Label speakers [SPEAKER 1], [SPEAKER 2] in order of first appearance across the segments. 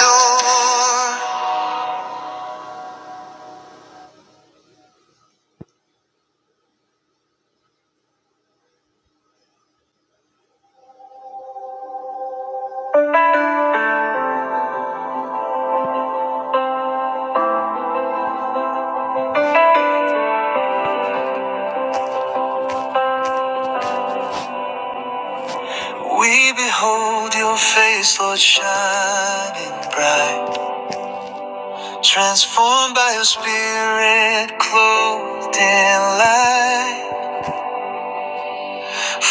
[SPEAKER 1] door. We behold your face, Lord, shining bright. Transformed by your spirit, clothed in light.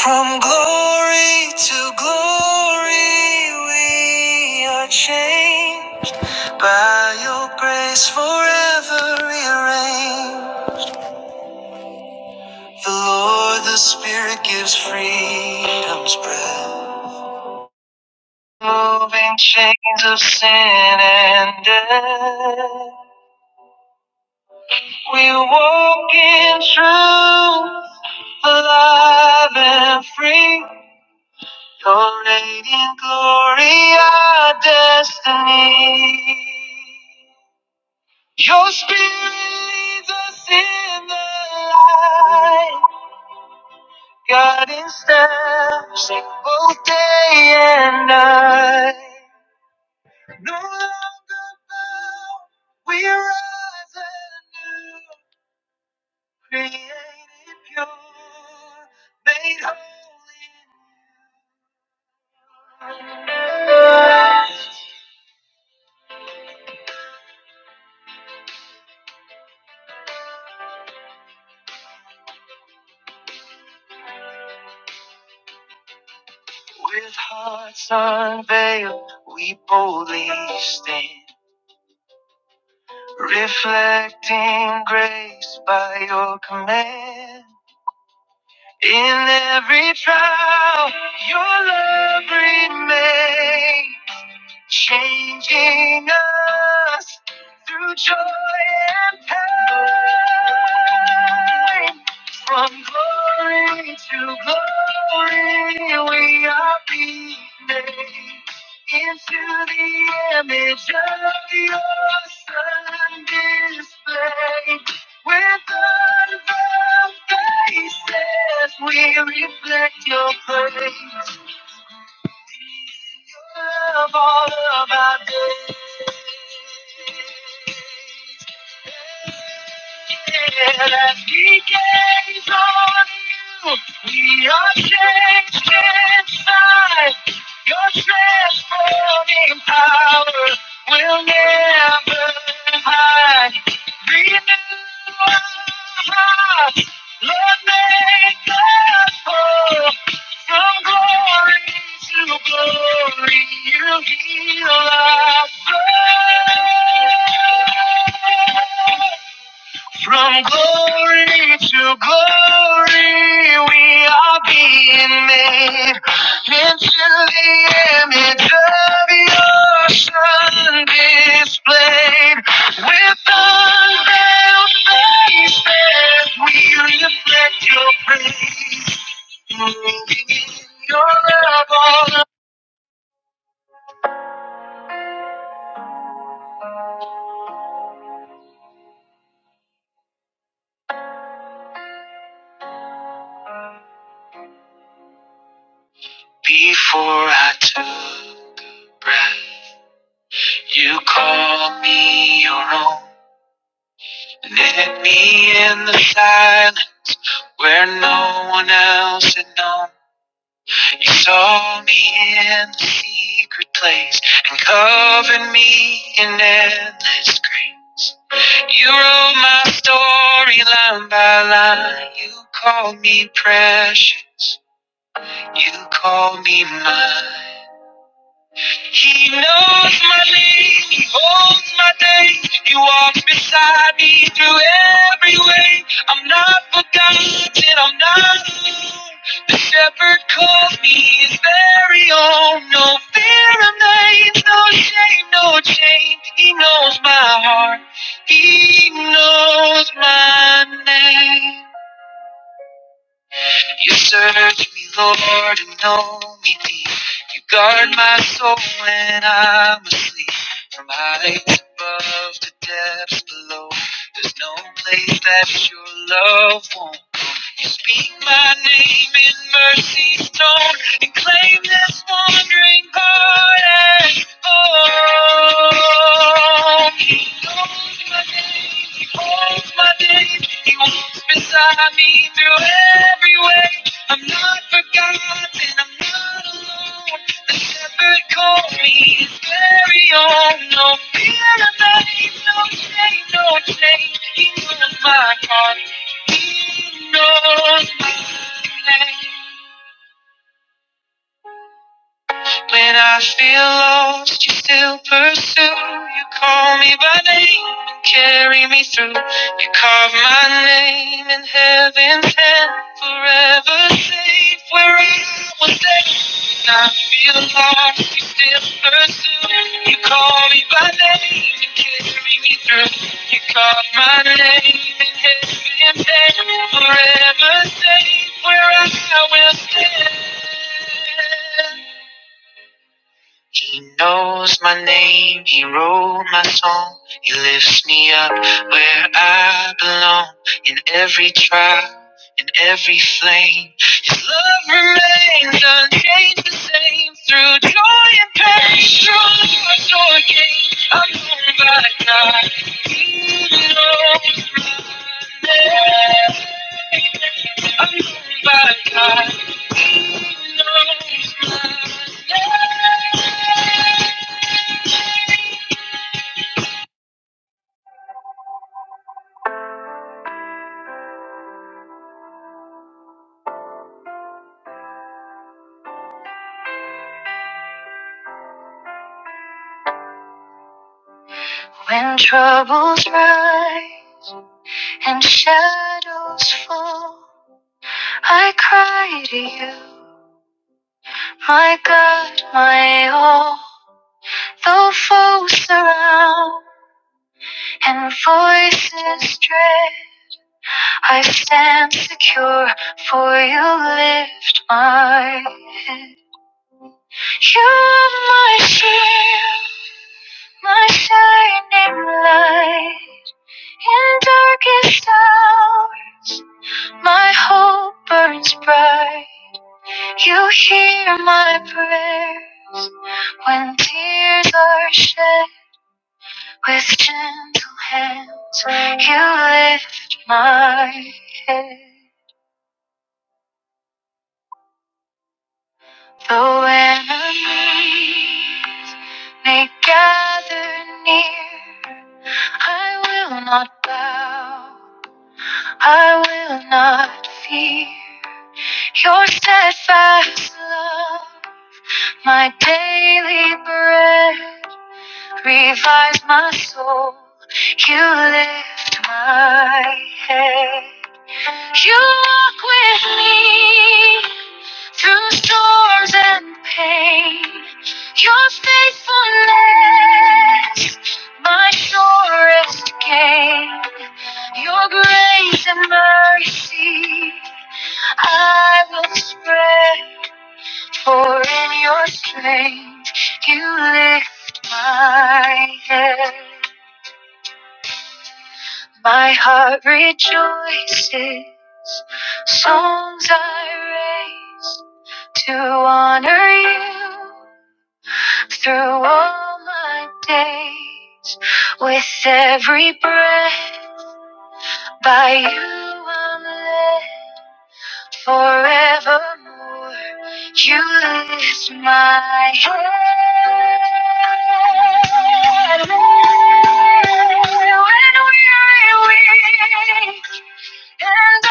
[SPEAKER 1] From glory to glory, we are changed by your grace forever rearranged. The Lord, the Spirit gives freedom's breath. Moving chains of sin and death. We walk in truth, alive and free. Your radiant glory, our destiny. Your spirit leads us in the light, guiding steps in both day and night. No longer bound, we rise anew, created pure, made holy. With hearts unveiled, we boldly stand, reflecting grace by your command. In every trial, your love remains. changing us through joy and pain. From glory to glory, we are being made into the image of your Son displayed. With unveiled faces, we reflect your praise. Love all of our days. as we gaze on you, we are changed inside. Your transforming power will never hide. Renew our hearts, Lord, make us whole. From glory to glory, you heal us. From glory to glory, we are being made into the image of your Son displayed. With unveiled faces, we reflect your praise. In your love, before I took a breath, you called me your own. Let me in the silence where no one else had known. You saw me in the secret place and covered me in endless grace. You wrote my story line by line. You called me precious. You called me mine. He knows my name, he holds my day. He walks beside me through every way. I'm not forgotten, I'm not alone. The shepherd calls me his very own. No fear remains, no shame, no chain. He knows my heart, he knows my name. You search me, Lord, and know me deep. You guard my soul when I'm asleep. From heights above to depths below, there's no place that your love won't. You speak my name in mercy's tone and claim this wandering heart as home. He knows my name, he holds my days, he walks beside me through every way. I'm not forgotten, I'm not alone. The shepherd called me his very own. No fear of pain, no shame, no change. He knows my heart, he knows my name. When I feel lost, you still pursue. You call me by name and carry me through. You carve my name in heaven's hand, forever safe where I was safe. I feel lost, you still pursue. You call me by name and carry me through. You called my name and heaven paid. Forever safe where I will stand. He knows my name, he wrote my song, he lifts me up where I belong. In every trial, in every flame, his love remains unchanged the same. Through joy and pain, through loss or gain, I'm known by God. He knows my name. I'm known by God. When troubles rise and shadows fall, I cry to you, my God, my all. Though foes surround and voices dread, I stand secure, for you lift my head. You're my shield. my shining light in darkest hours. My hope burns bright. You hear my prayers when tears are shed. With gentle hands, you lift my head. Though enemies may gather near, I will not bow. I will not fear your steadfast love, my daily bread. revives my soul, you lift my head. You walk with me through storms and pain. Your faithfulness, my surest gain. Your grace and mercy, I will spread. For in your strength, you lift my head. My heart rejoices, songs I raise to honor you through all my days. With every breath, by you I'm led. Forevermore, you lift my head. When weary, weak, and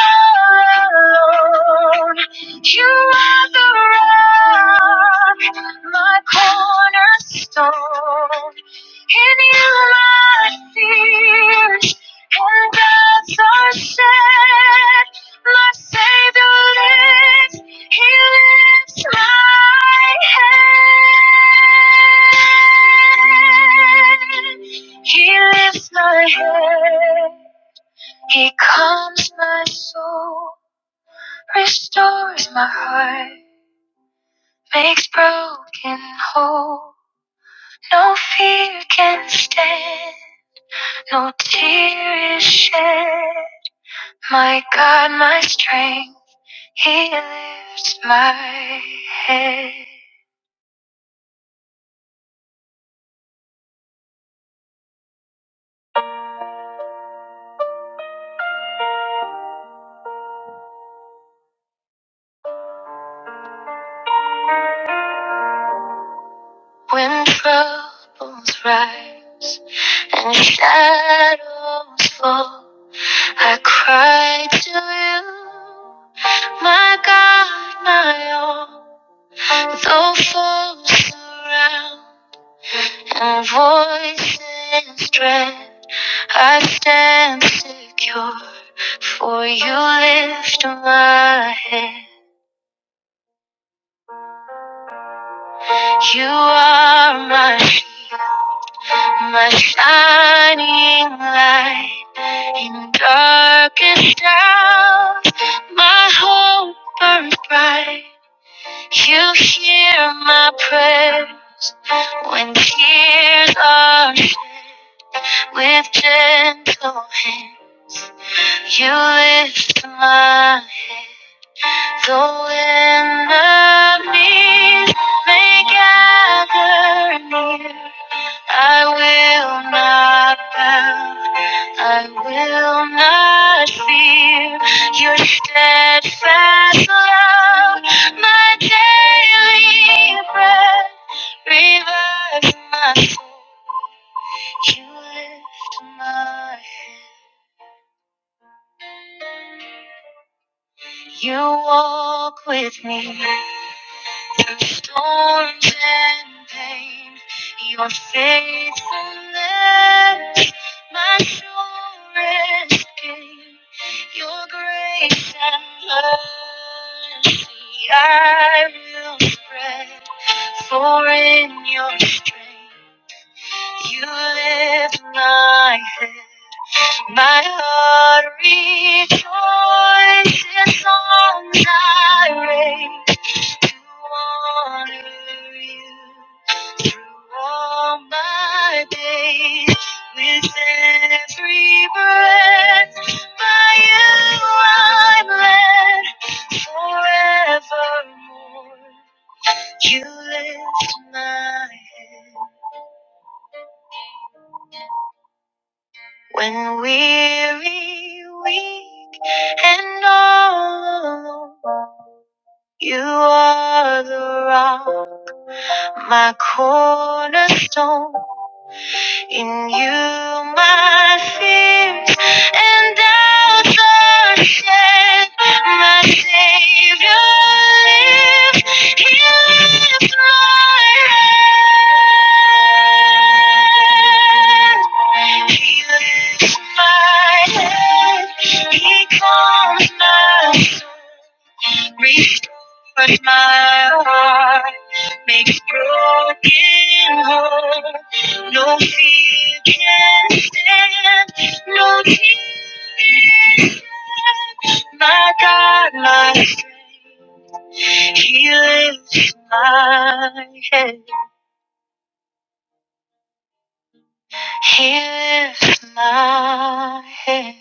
[SPEAKER 1] all alone, you are the rock, my cornerstone. Any life and that's our set. My Savior lives, He lifts my head. He lifts my head. He calms my soul, restores my heart, makes broken whole. No fear can stand. No tear is shed. My God, my strength, He lifts my head. When troubles rise and shadows fall, I cry to you, my God, my all. Though foes surround and voices dread, I stand secure, for you lift my head. You are my shield, my shining light. In darkest hours, my hope burns bright. You hear my prayers when tears are shed. With gentle hand, you lift my head. Though enemies may gather near, I will not bow, I will not fear. Your steadfast love, my daily bread, revives my soul. You lift my head. You walk with me through storms and pain. Your faithfulness, my surest gain. Your grace and mercy I will spread. For in your strength you lift my head. My heart rejoices songs I raise to honor you through all my days. With every breath, by you I'm led forevermore. You lift my head. When weary, weak, and all alone, you are the rock, my cornerstone. In you, my sins and doubts are shed. My Savior lives. He lifts my head. He lifts my head. He calms my soul. But my heart makes broken whole. No fear can stand, no tear can stand. My God, my strength, He lifts my head. He lifts my head.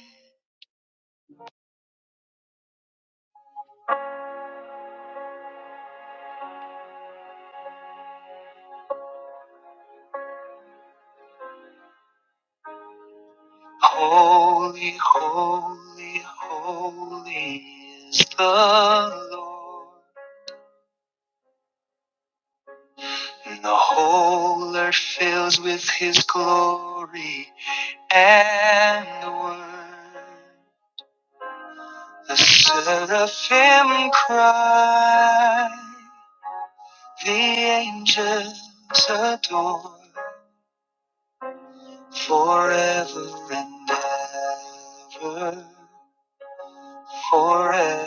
[SPEAKER 1] Holy, holy, holy is the Lord. And the whole earth fills with his glory and the word. The seraphim cry, the angels adore, forever and ever, forevermore.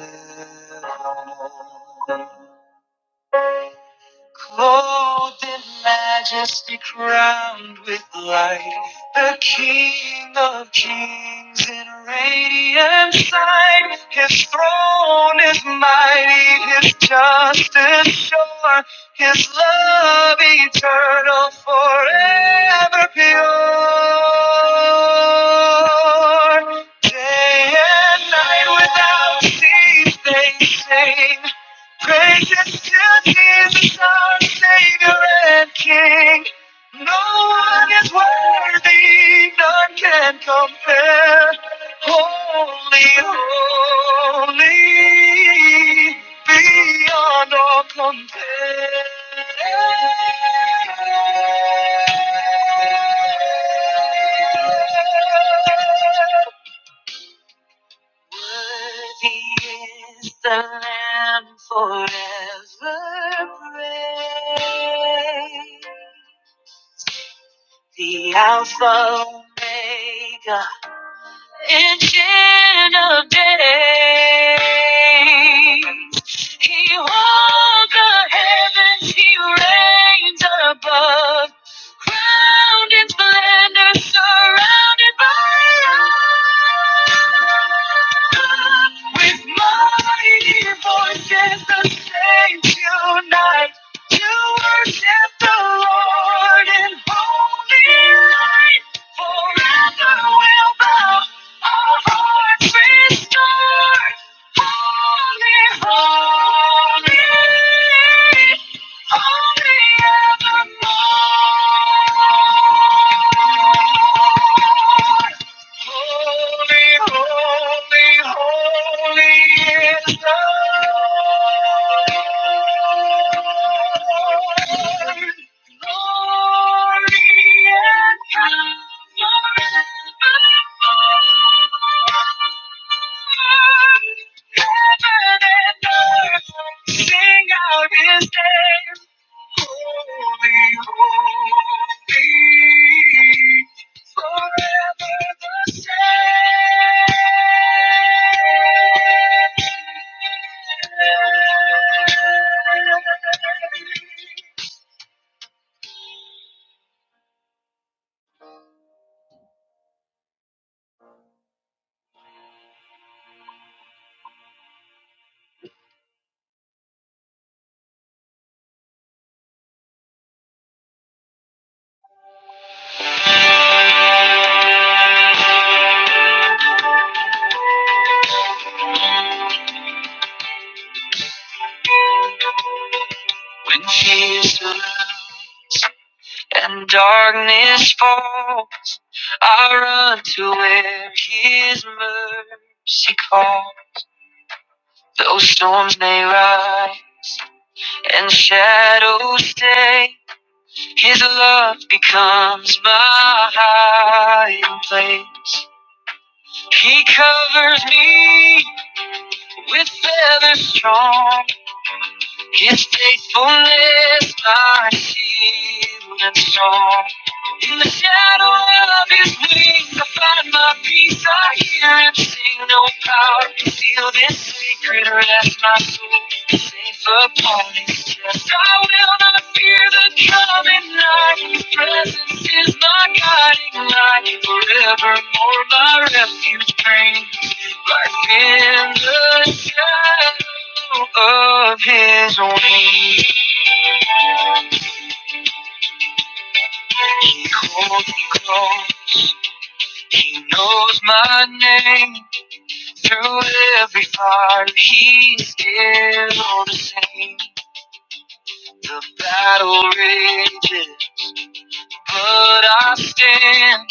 [SPEAKER 1] Clothed in majesty, crowned with light, the King of kings in radiant sight. His throne is mighty, his justice sure, his love eternal, forever pure. Day and night without cease they sing. Praises to Jesus, our Savior and King. No one is worthy, none can compare. Holy, holy, beyond all compare. Worthy is the Lamb forever praised. The Alpha Omega, each of days. He holds the heavens, he reigns above. Crowned in splendor, surrounded by love. With mighty voices, the saints unite to worship the Lord in holy light. Forever will bow our hearts restored. Holy, holy, holy evermore. Holy, holy, holy is the Lord. Glory and power and honor. Heaven and earth sing out His name. When fears surround and darkness fall, I run to where His mercy calls. Though storms may rise and shadows stay, His love becomes my hiding place. He covers me with feathers strong. His faithfulness my shield and song. In the shadow of his wings, I find my peace. I hear him sing, no power can steal this sacred rest. My soul is safe upon his chest. I will not fear the coming night. His presence is my guiding light. Forevermore, my refuge bring in the shadow of his wings. He holds me close. He knows my name. Through every fire, he's still the same. The battle rages, but I stand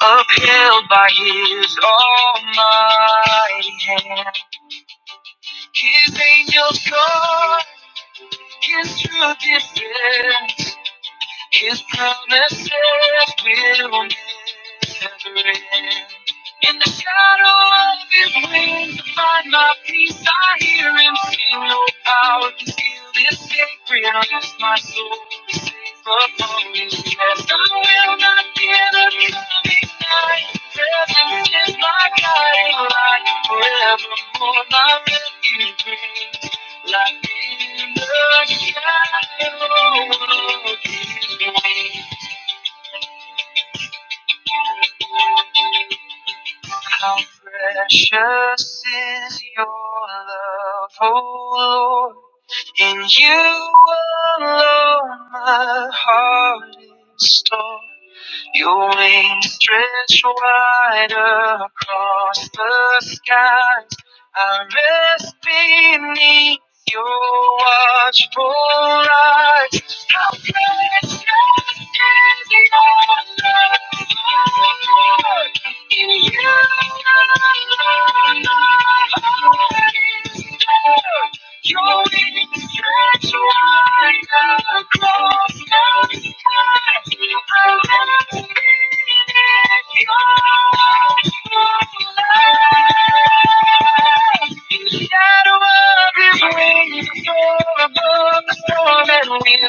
[SPEAKER 1] upheld by his almighty hand. His angels guard his true defense. His promises will never end. In the shadow of His wings, I find my peace. I hear Him sing. No power can steal this sacred rest. My soul is safe upon His chest. I will not fear the coming night. Presence is my guiding light. Forevermore, my refuge. brings. Like in the shadow of evening, How precious is your love, O Lord. In you alone my heart is torn. Your wings stretch wide across the skies. I rest beneath your watchful eyes. Your wings stretch wide across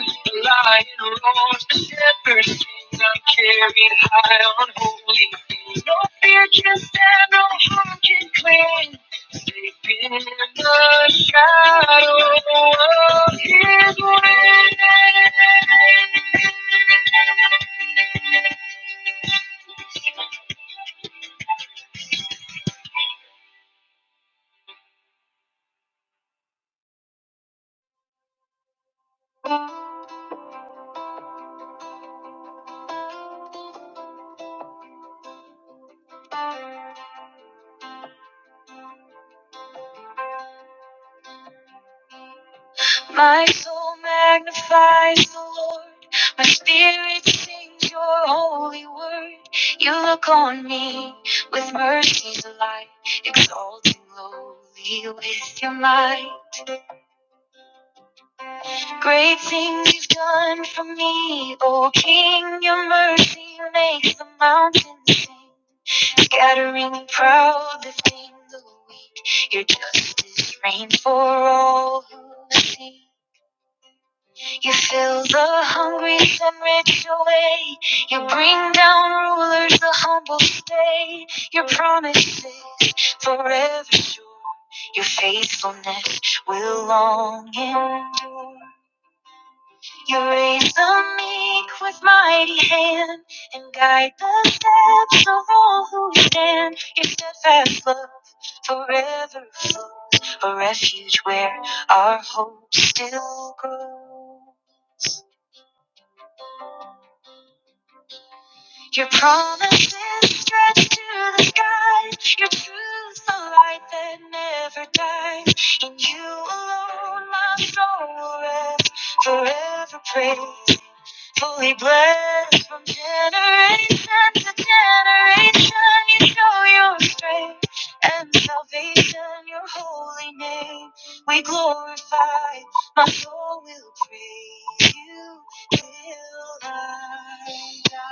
[SPEAKER 1] the sky lion roars, the shepherd sings, I'm carried high on holy things. No fear can stand, no harm can cling. Safe in the shadow of his wings. My soul magnifies the Lord. My spirit sings your holy word. You look on me with mercies alive, exalting lowly with your might. Great things you've done for me, O King. Your mercy makes the mountains sing, scattering the proud lifting the weak. Your justice reigns for all who see. You fill the hungry and rich away. You bring down rulers, the humble stay. Your promises forever sure. Your faithfulness will long endure. You raise the meek with mighty hand and guide the steps of all who stand. Your steadfast love forever flows, a refuge where our hope still grows. Your promises stretch to the skies. Your truth's the light that never dies. In you alone, my soul will rest. Forever praised, fully blessed from generation to generation. You show your strength and salvation. Your holy name we glorify. My soul will praise you. Till I die.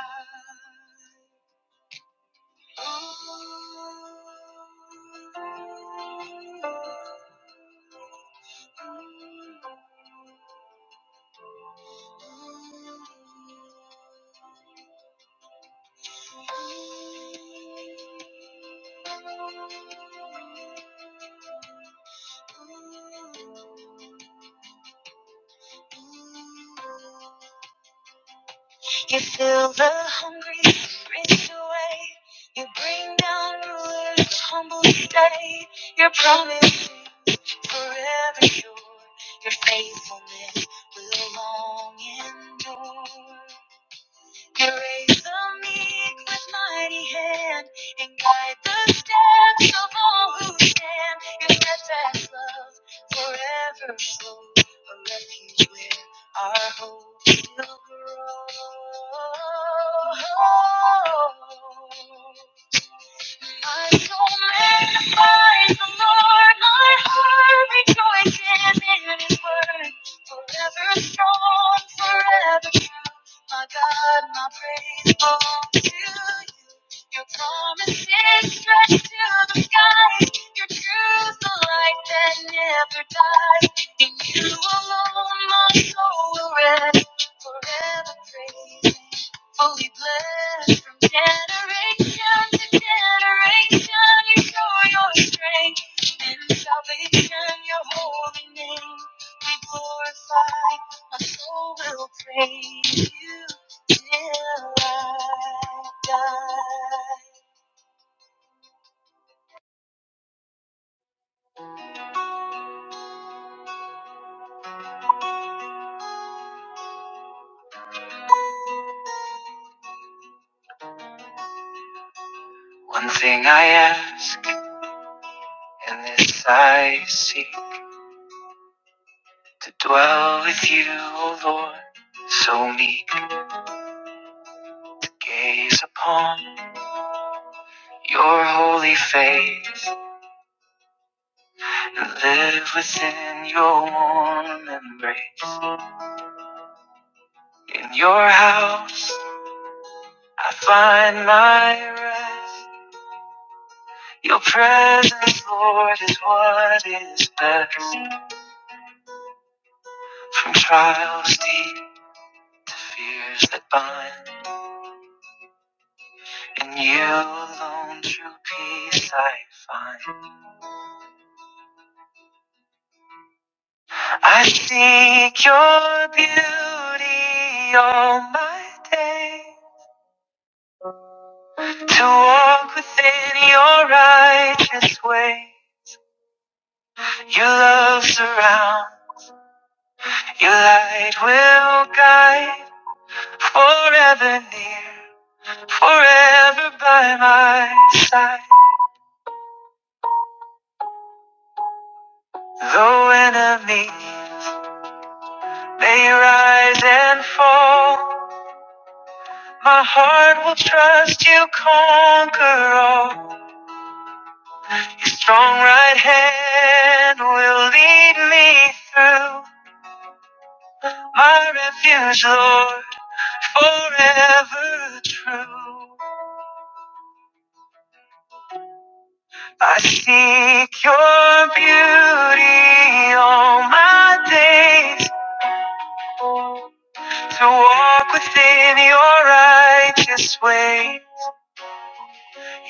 [SPEAKER 1] You fill the hungry spirits away. You bring down rulers, humble stay. Your promises forever sure. Your faithfulness will long endure. He raised the meek with mighty hand and guide the steps of all who stand Your steadfast love forever flows A refuge where our hope will grow. My soul magnifies the Lord, my heart rejoices in His word. Forever strong, forever true, my God, my praise belongs to you. Your promises stretch to the skies. Your truth, the light that never dies. In you alone, my soul will rest. Forever praising, fully blessed from generation to generation. You show your strength in salvation, your holy name. We glorify my soul will praise you till I die. Your holy face, live within your warm embrace. In your house, I find my rest. Your presence, Lord, is what is best. From trials deep, fears that bind, in you alone true peace I find. I seek your beauty all my day to walk within your righteous way. Your love surround, your light will guide forever near, forever by my side. Though enemies may rise and fall, my heart will trust you conquer all. Your strong right hand will lead me through my refuge, Lord, forever true. I seek your beauty all my days to walk within your righteous way.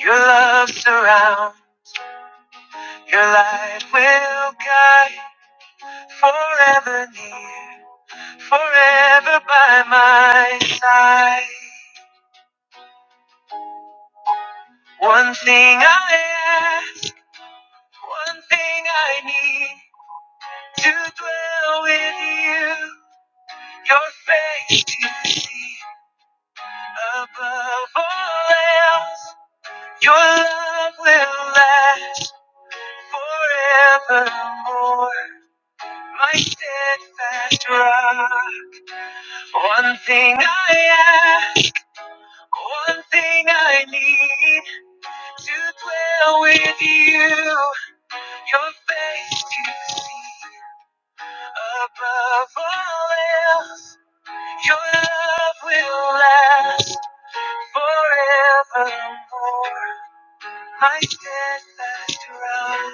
[SPEAKER 1] Your love surrounds. your light will guide forever near, forever by my side. One thing I ask, one thing I need to dwell with you, your face to see above all else. Your love will last forevermore, my steadfast rock. One thing I ask, one thing I need to dwell with you, your face to see. Above all else, your love will last forevermore. My steadfast rock.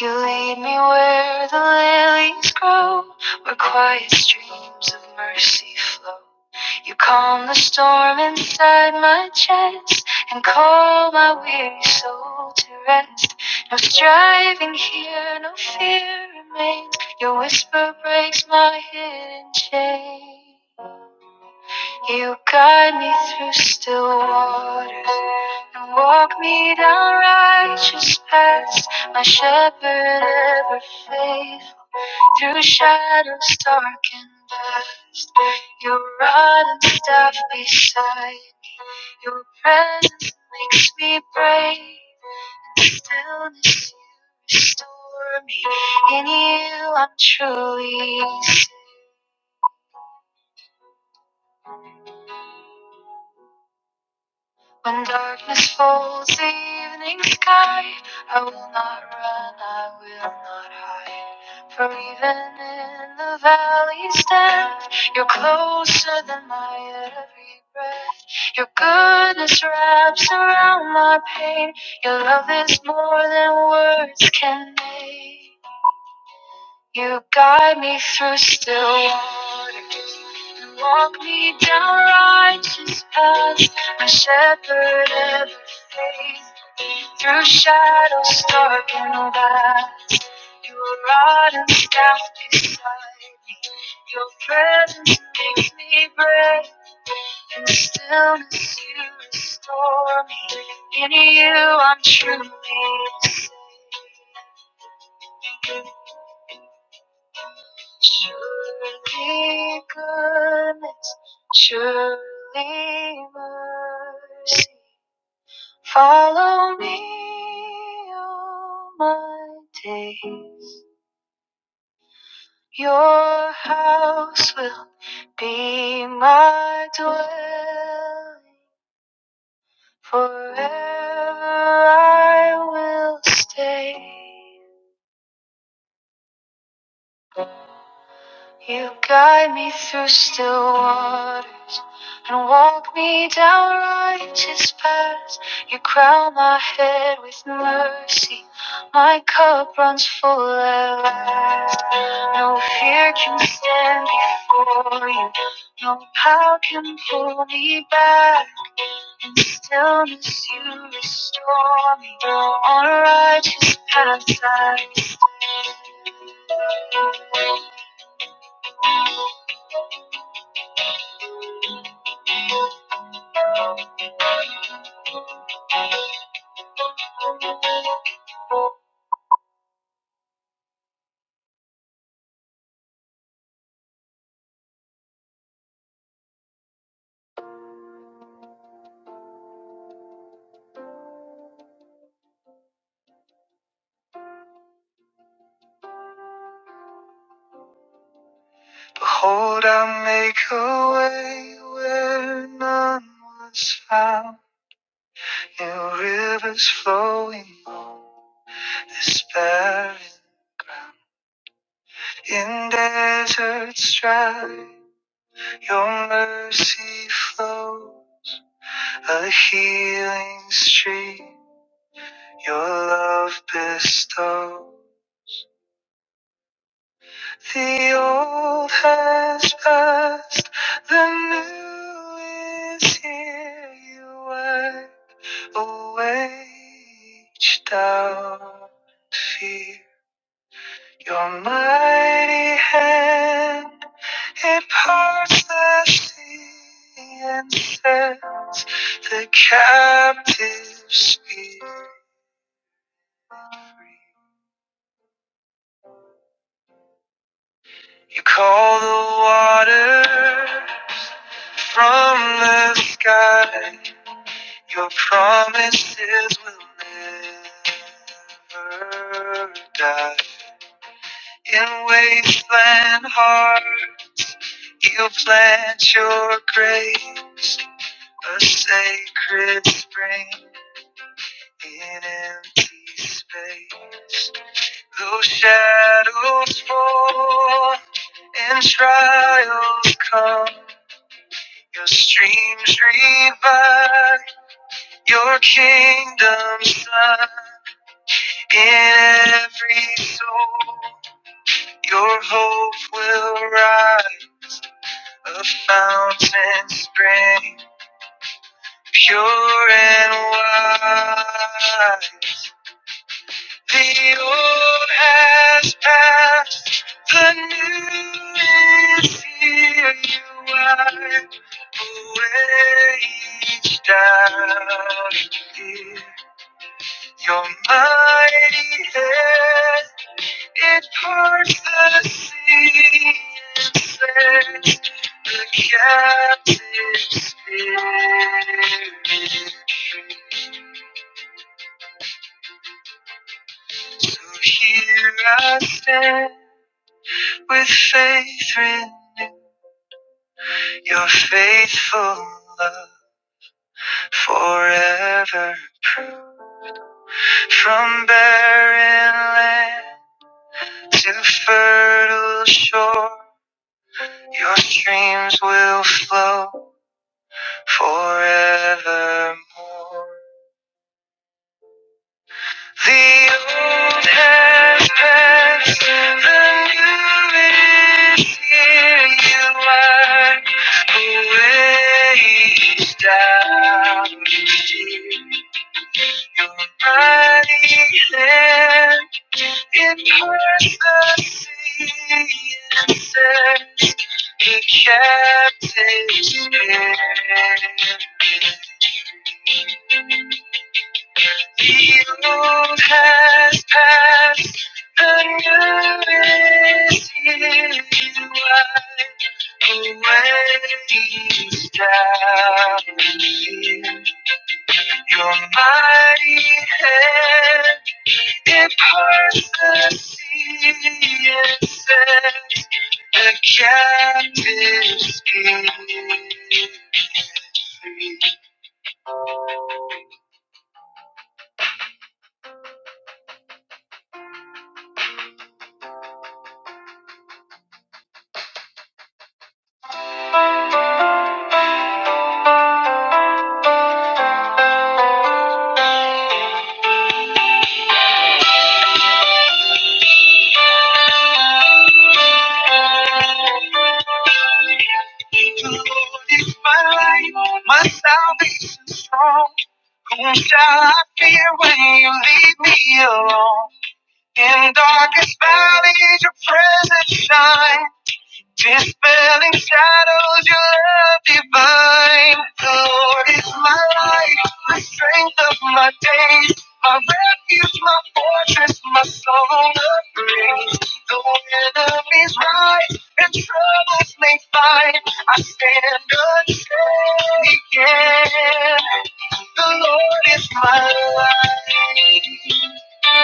[SPEAKER 1] You lead me where the lilies grow, where quiet streams of mercy flow. You calm the storm inside my chest and call my weary soul to rest. No striving here, no fear remains. Your whisper breaks my hidden chain. You guide me through still waters and walk me down righteous paths. My shepherd ever faithful. Through shadows dark and vast, your rod and staff beside, your presence makes me brave. In stillness, you restore me. In you, I'm truly safe. When darkness falls, the evening sky, I will not run, I will not hide. For even in the valley's depth, you're closer than my every breath. Your goodness wraps around my pain. Your love is more than words can make. You guide me through still waters. Walk me down righteous paths, my shepherd ever faith. Through shadows dark and wide, your rod and staff beside. Your presence makes me brave. In stillness you restore me. In you I'm truly safe. Surely goodness, surely mercy Follow me all my days. Your house will be my dwelling. Forever I will stay. You guide me through still waters and walk me down righteous paths. You crown my head with mercy. My cup runs full at last. No fear can stand before you. No power can pull me back. In stillness you restore me. On righteous paths I stand. New rivers flowing Despairing in deserts dry, your mercy flow, a healing stream, your love bestow. The old has passed, the new is here. You wipe away each doubt, fear. Your mighty hand It parts the sea and sets the captive free. You call the water from the sky. Your promises will never die. In wasteland heart, you plant your grace, a sacred spring. In empty space, though shadows fall and trials come, your streams revive, your kingdom sun. in every soul. Your hope will rise, a fountain spring, pure and wide. The old has passed. The new is here, you wipe away each doubt here. Your mighty hand, it parts the sea and sets the captive free. So here I stand with faith renewed. your faithful love. forever from barren land to fertile shore your streams will flow forevermore the old has passed the new is here you are who weighs down the deep. your mighty hand It hurts the sea and said It kept his hand. The old has passed, the new is here. Wide awake now, Your mighty hand. It parts the sea and sets the captives free. The Lord is my light, my salvation strong. Whom shall I fear when you leave me alone? In darkest valleys, your presence shines. Dispelling shadows, your love divine. The Lord is my light, the strength of my days, my refuge, my fortress, my song of praise. Though enemies rise and troubles may find, I stand unshaken. The Lord is my light. One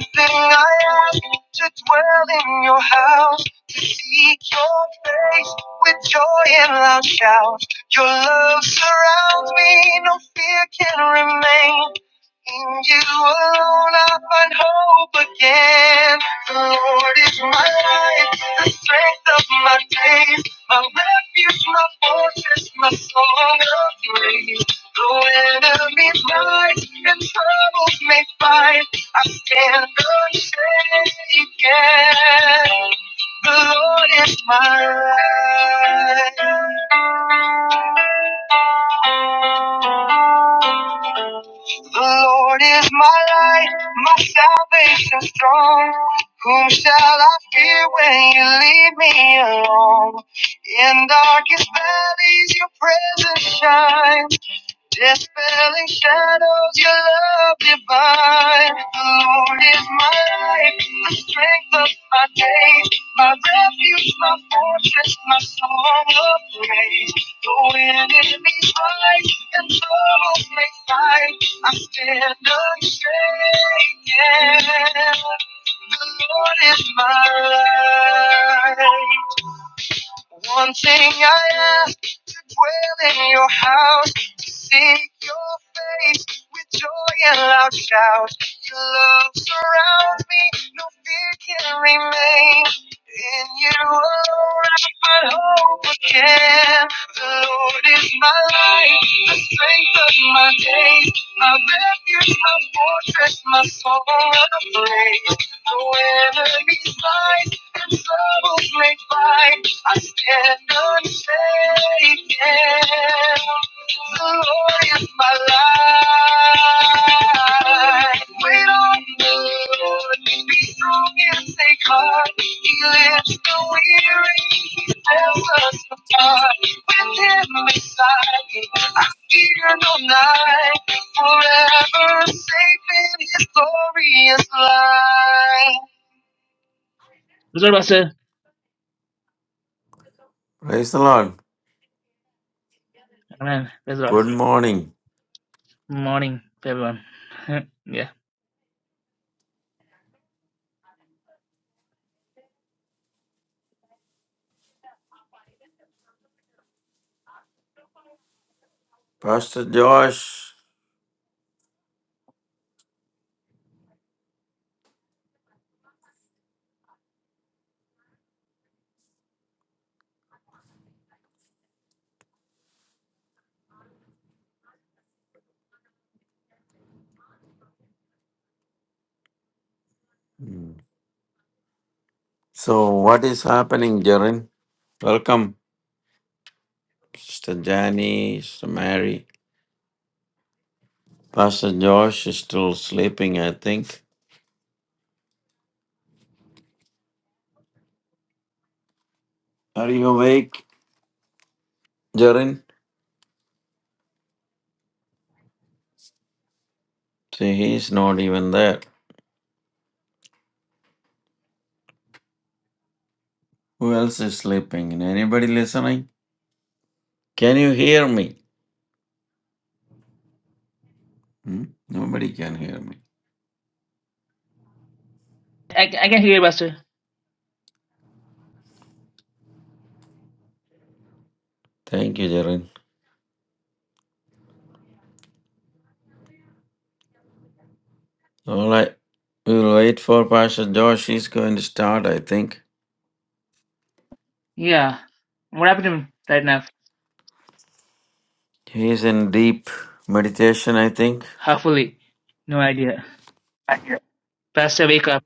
[SPEAKER 1] thing I ask to dwell in your house, to seek your face with joy and loud shouts. Your love surrounds me, no fear can remain. In you alone I find hope again. The Lord is my light, the strength of my days. My refuge, my fortress, my song of praise. Though enemies rise and troubles may fight, I stand unshaken. The Lord is my light. The Lord is my light, my salvation strong. Whom shall I fear when you leave me alone? In darkest valleys, your presence shines, dispelling shadows, your love divine. The Lord is my light, the strength of my days, my refuge, my fortress, my song of praise. Though enemies rise and troubles may fight, I stand unshaken. The Lord is my light. One thing I ask to dwell in your house, to seek your face with joy and loud shout. Your love surrounds me, no fear can remain. In you alone I find hope again. The Lord is my light, the strength of my days, my refuge, my fortress, my song of praise. Though enemies rise and troubles may find, I stand unshaken. The Lord is my light. Wait on the Lord. Be strong and take heart. He lifts the weary. He tells us apart. With him beside me, I fear no night forever safe in his glorious light. Praise the Lord, Pastor.
[SPEAKER 2] Praise the Lord.
[SPEAKER 1] Amen. Praise the Lord.
[SPEAKER 2] Good morning,
[SPEAKER 1] Morning, everyone. yeah.
[SPEAKER 2] Pastor Josh. Hmm. So, what is happening, Jaren? Welcome, Sister Janie, Sister Mary. Pastor Josh is still sleeping, I think. Are you awake, Jaren? See, he's not even there. Who else is sleeping? Anybody listening? Can you hear me? Hmm? Nobody can hear me.
[SPEAKER 1] I, I can hear you, Pastor.
[SPEAKER 2] Thank you, Jaren. All right. We'll wait for Pastor Josh. He's going to start, I think.
[SPEAKER 1] Yeah. What happened to me right now?
[SPEAKER 2] He's in deep meditation, I think.
[SPEAKER 1] Hopefully. No idea. Pastor, wake up.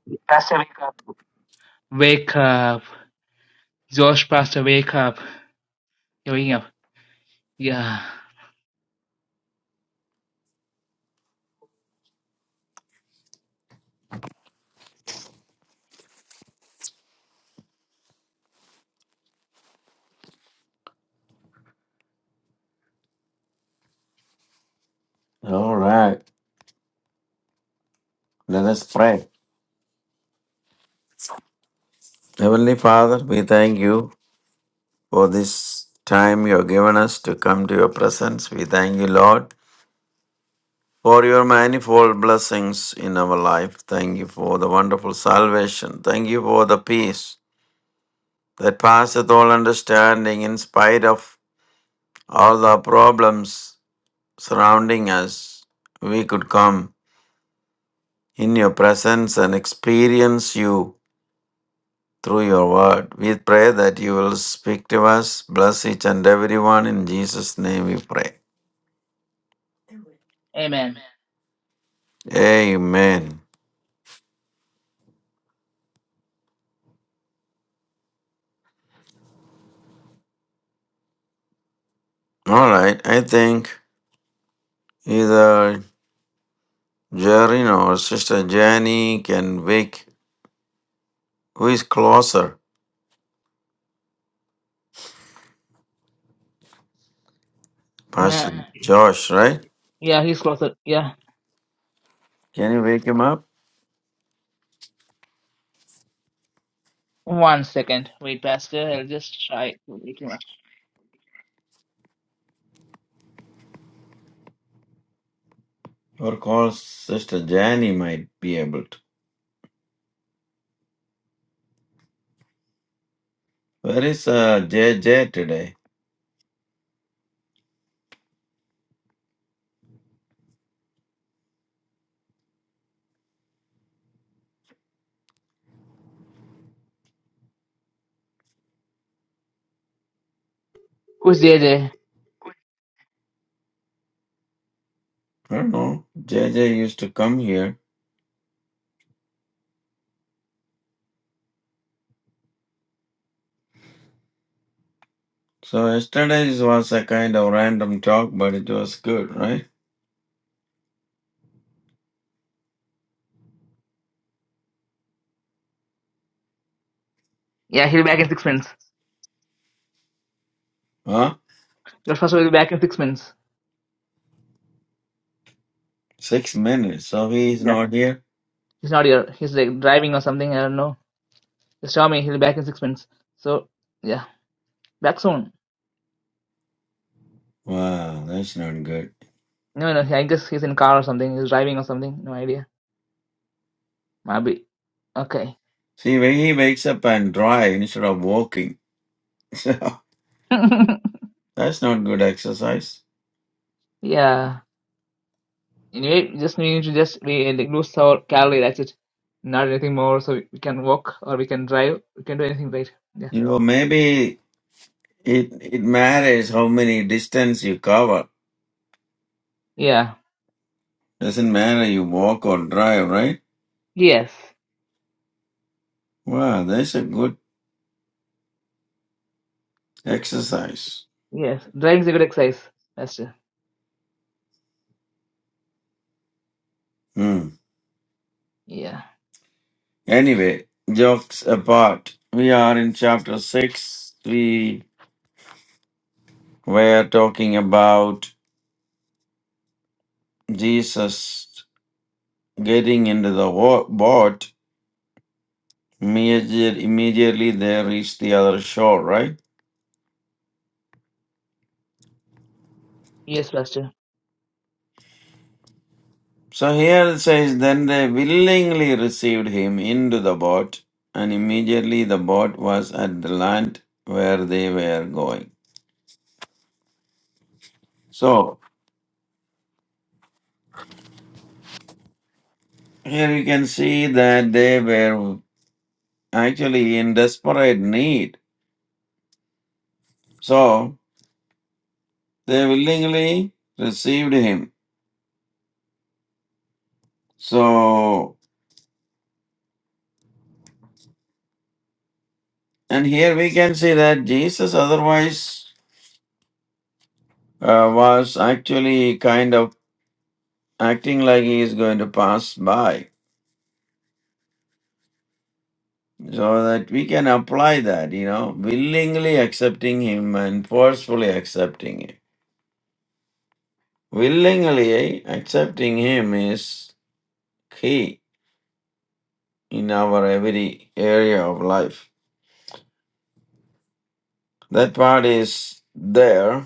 [SPEAKER 1] Wake up. Josh, Pastor, wake up. You're waking up. Yeah.
[SPEAKER 2] All right. Let us pray. Heavenly Father, we thank you for this time you have given us to come to your presence. We thank you, Lord, for your manifold blessings in our life. Thank you for the wonderful salvation. Thank you for the peace that passeth all understanding in spite of all the problems surrounding us. We could come in your presence and experience you through your word. We pray that you will speak to us, bless each and everyone. In Jesus' name we pray.
[SPEAKER 1] Amen.
[SPEAKER 2] Amen. All right, I think either Jerry or Sister Jenny can wake. Who is closer? Pastor
[SPEAKER 1] Man,
[SPEAKER 2] Josh, right?
[SPEAKER 1] yeah, he's locked up. Yeah.
[SPEAKER 2] Can you wake him up?
[SPEAKER 1] One second. Wait, Pastor. I'll just try to wake him up.
[SPEAKER 2] Or call Sister Jenny might be able to. Where is uh, J J today?
[SPEAKER 1] Who's there there?
[SPEAKER 2] I don't know. J J used to come here. So yesterday was a kind of random talk, but it was good, right?
[SPEAKER 1] Yeah, he'll be back in six minutes.
[SPEAKER 2] Huh?
[SPEAKER 1] Your first will be back in six minutes.
[SPEAKER 2] Six minutes. So he's
[SPEAKER 1] Yeah.
[SPEAKER 2] not here?
[SPEAKER 1] He's not here. He's like driving or something. I don't know. Just tell me he'll be back in six minutes. So yeah, back soon.
[SPEAKER 2] Wow, that's not good.
[SPEAKER 1] No, no. I guess he's in car or something. He's driving or something. No idea. Maybe. Okay.
[SPEAKER 2] See, when he wakes up and drive instead of walking, so that's not good exercise.
[SPEAKER 1] yeah. Anyway, just we need to just we like lose our calorie. That's it. Not anything more. So we can walk or we can drive. We can do anything, right? Yeah.
[SPEAKER 2] You know, maybe it it matters how many distance you cover.
[SPEAKER 1] Yeah.
[SPEAKER 2] Doesn't matter you walk or drive, right?
[SPEAKER 1] Yes.
[SPEAKER 2] Wow, that's a good exercise.
[SPEAKER 1] Yes. Driving is a good exercise, Pastor.
[SPEAKER 2] Hmm.
[SPEAKER 1] Yeah.
[SPEAKER 2] Anyway, jokes apart, we are in chapter six. We were talking about Jesus Getting into the wa- boat, immediate, immediately they reached the other shore, right?
[SPEAKER 1] Yes, Pastor.
[SPEAKER 2] So here it says, Then they willingly received him into the boat, and immediately the boat was at the land where they were going. So here you can see that they were actually in desperate need. So they willingly received him. So, and here we can see that Jesus otherwise uh, was actually kind of acting like he is going to pass by so that we can apply that, you know, willingly accepting him and forcefully accepting him. Willingly accepting him is key in our every area of life. That part is there.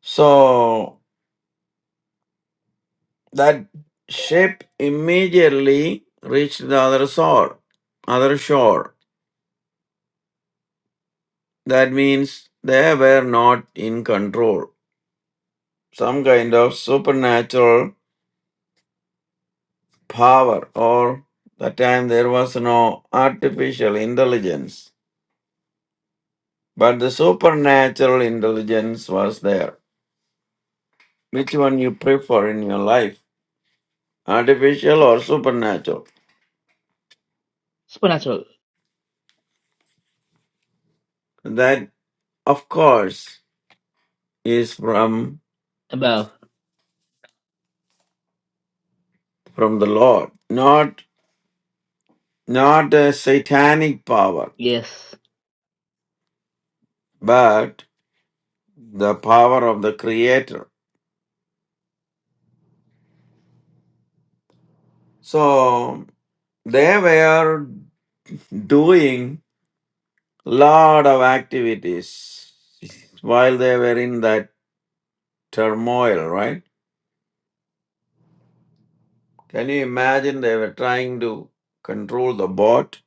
[SPEAKER 2] So that ship immediately reached the other shore, other shore. That means they were not in control. Some kind of supernatural power, or that time there was no artificial intelligence, but the supernatural intelligence was there. Which one you prefer in your life, artificial or supernatural?
[SPEAKER 1] Supernatural
[SPEAKER 2] That, of course, is from
[SPEAKER 1] above.
[SPEAKER 2] from the Lord, not not a satanic power,
[SPEAKER 1] Yes.
[SPEAKER 2] but the power of the Creator. So They were doing lot of activities while they were in that turmoil, right? Can you imagine they were trying to control the boat,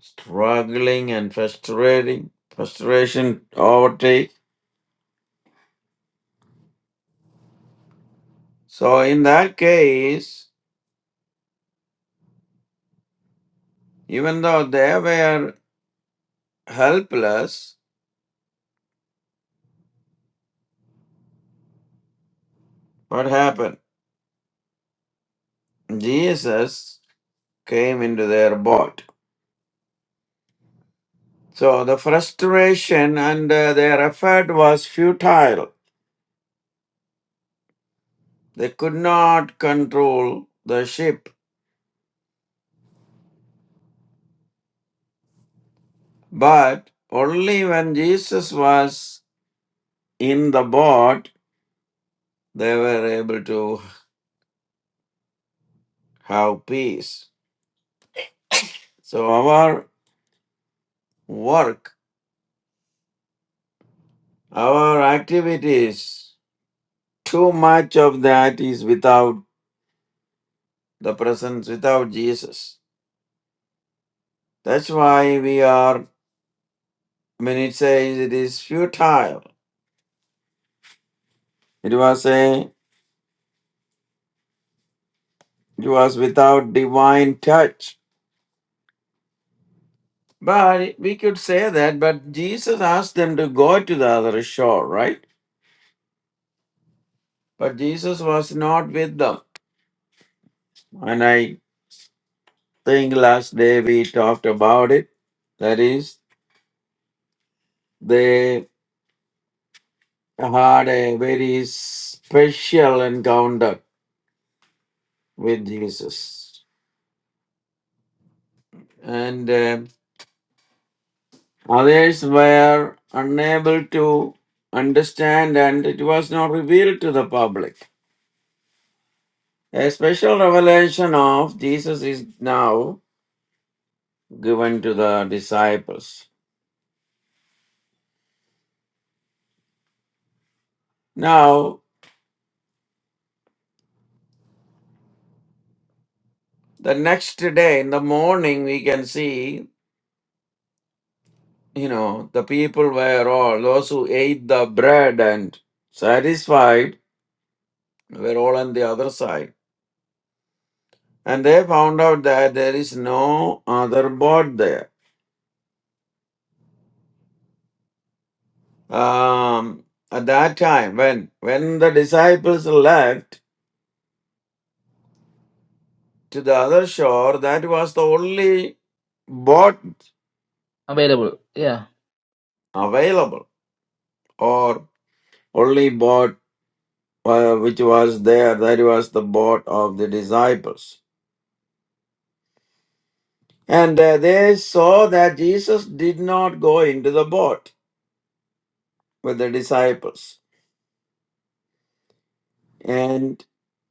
[SPEAKER 2] struggling and frustrating, frustration overtake. So in that case, even though they were helpless, what happened? Jesus came into their boat. So the frustration and uh, their effort was futile. They could not control the ship. But only when Jesus was in the boat, they were able to have peace. So our work, our activities, too much of that is without the presence, without Jesus. That's why we are, when it says it is futile, it was a. It was without divine touch. But we could say that, but Jesus asked them to go to the other shore, right? But Jesus was not with them. And I think last day we talked about it. That is, they had a very special encounter with Jesus. And uh, others were unable to understand, and it was not revealed to the public. A special revelation of Jesus is now given to the disciples. Now, the next day in the morning, we can see, you know, the people were all, those who ate the bread and satisfied, were all on the other side. And they found out that there is no other boat there. Um, at that time, when when the disciples left to the other shore, that was the only boat
[SPEAKER 1] available. Yeah.
[SPEAKER 2] available or only boat uh, which was there that was the boat of the disciples and uh, they saw that jesus did not go into the boat with the disciples and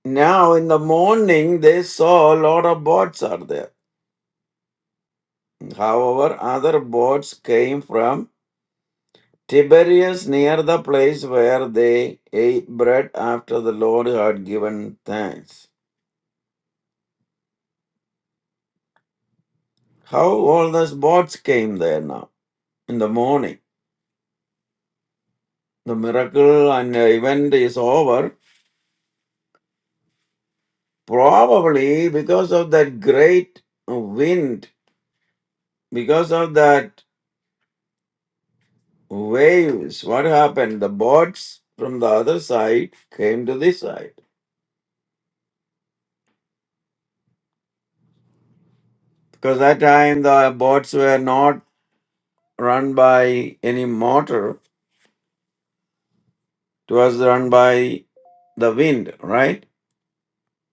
[SPEAKER 2] now in the morning they saw a lot of boats are there however other boats came from tiberias near the place where they ate bread after the lord had given thanks how all those boats came there now in the morning. The miracle and event is over, probably because of that great wind, because of that waves. What happened? The boats from the other side came to this side. Because that time the boats were not run by any motor, it was run by the wind, right?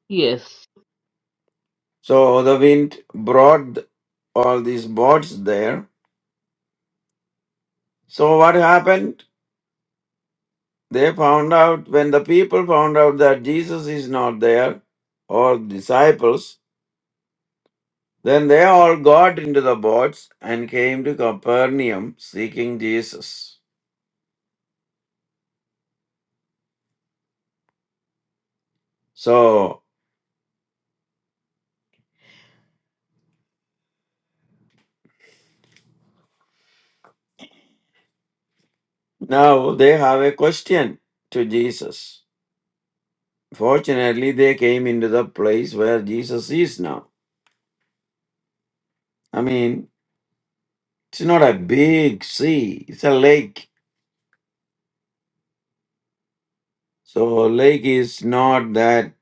[SPEAKER 1] Yes.
[SPEAKER 2] So the wind brought all these boats there. So what happened? They found out, when the people found out that Jesus is not there, or disciples, then they all got into the boats and came to Capernaum seeking Jesus. So now they have a question to Jesus. Fortunately, they came into the place where Jesus is now. I mean, it's not a big sea, it's a lake. So, lake is not that,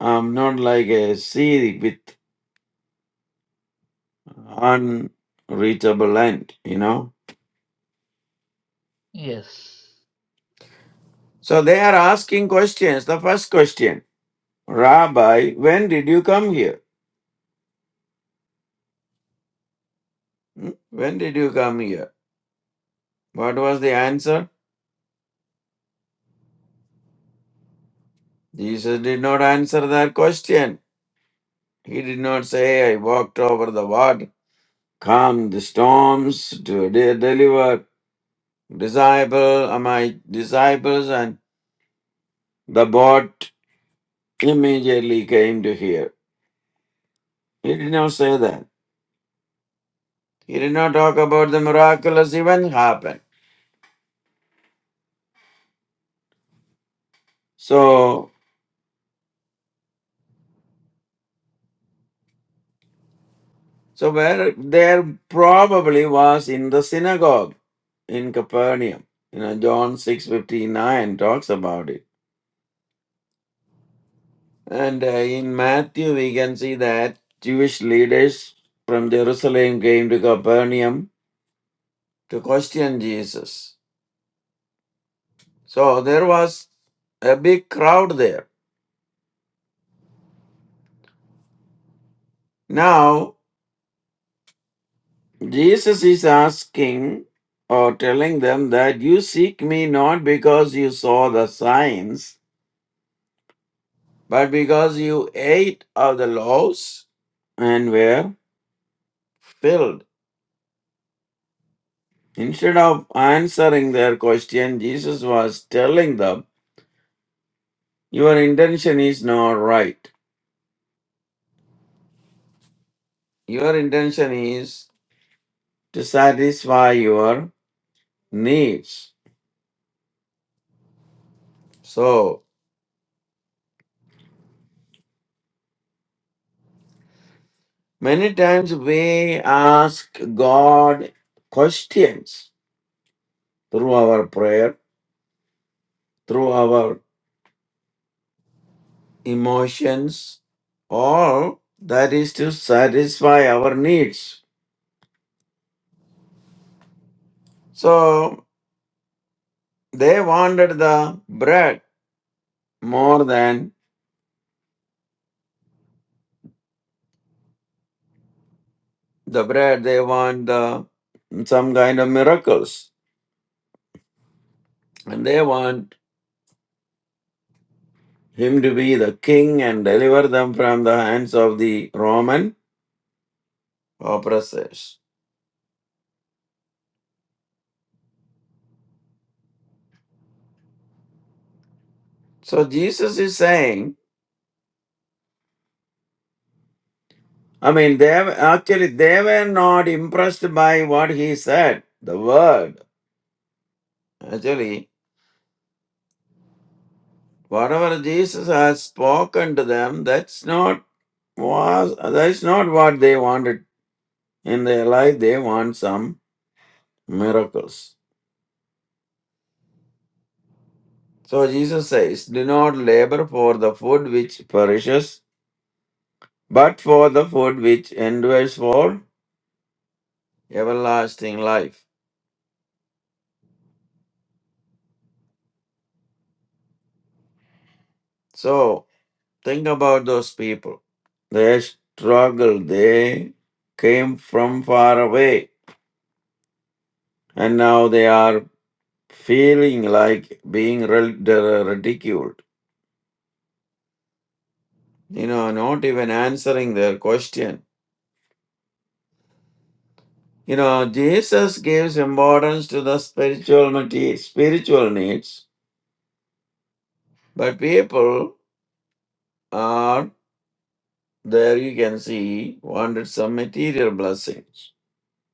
[SPEAKER 2] um, not like a sea with. unreachable end, you know.
[SPEAKER 1] Yes.
[SPEAKER 2] So they are asking questions. The first question, Rabbi, when did you come here? Hmm? When did you come here? What was the answer? Jesus did not answer that question. He did not say, I walked over the water, calmed the storms to de- deliver disciple, uh, my disciples, and the boat immediately came to here. He did not say that. He did not talk about the miraculous event happened. So, so where there probably was in the synagogue in Capernaum. You know, John six fifty nine talks about it, and uh, in Matthew we can see that Jewish leaders from Jerusalem came to Capernaum to question Jesus. So there was a big crowd there. Now Jesus is asking or telling them that you seek me not because you saw the signs, but because you ate of the loaves and were filled. Instead of answering their question, Jesus was telling them, Your intention is not right. Your intention is to satisfy your needs. So, many times we ask God questions through our prayer, through our emotions, all that is to satisfy our needs. So they wanted the bread more than the bread. They want the, some kind of miracles. And they want him to be the king and deliver them from the hands of the Roman oppressors. So Jesus is saying, I mean, they have, actually they were not impressed by what he said, the word Actually, whatever Jesus has spoken to them, that's not was that's not what they wanted in their life. They want some miracles. So Jesus says, Do not labor for the food which perishes, but for the food which endures for everlasting life. So think about those people. They struggled, they came from far away, and now they are feeling like being rel- de- ridiculed, you know, not even answering their question. You know, Jesus gives importance to the spiritual mate- spiritual needs, but people are there. You can see wanted some material blessings.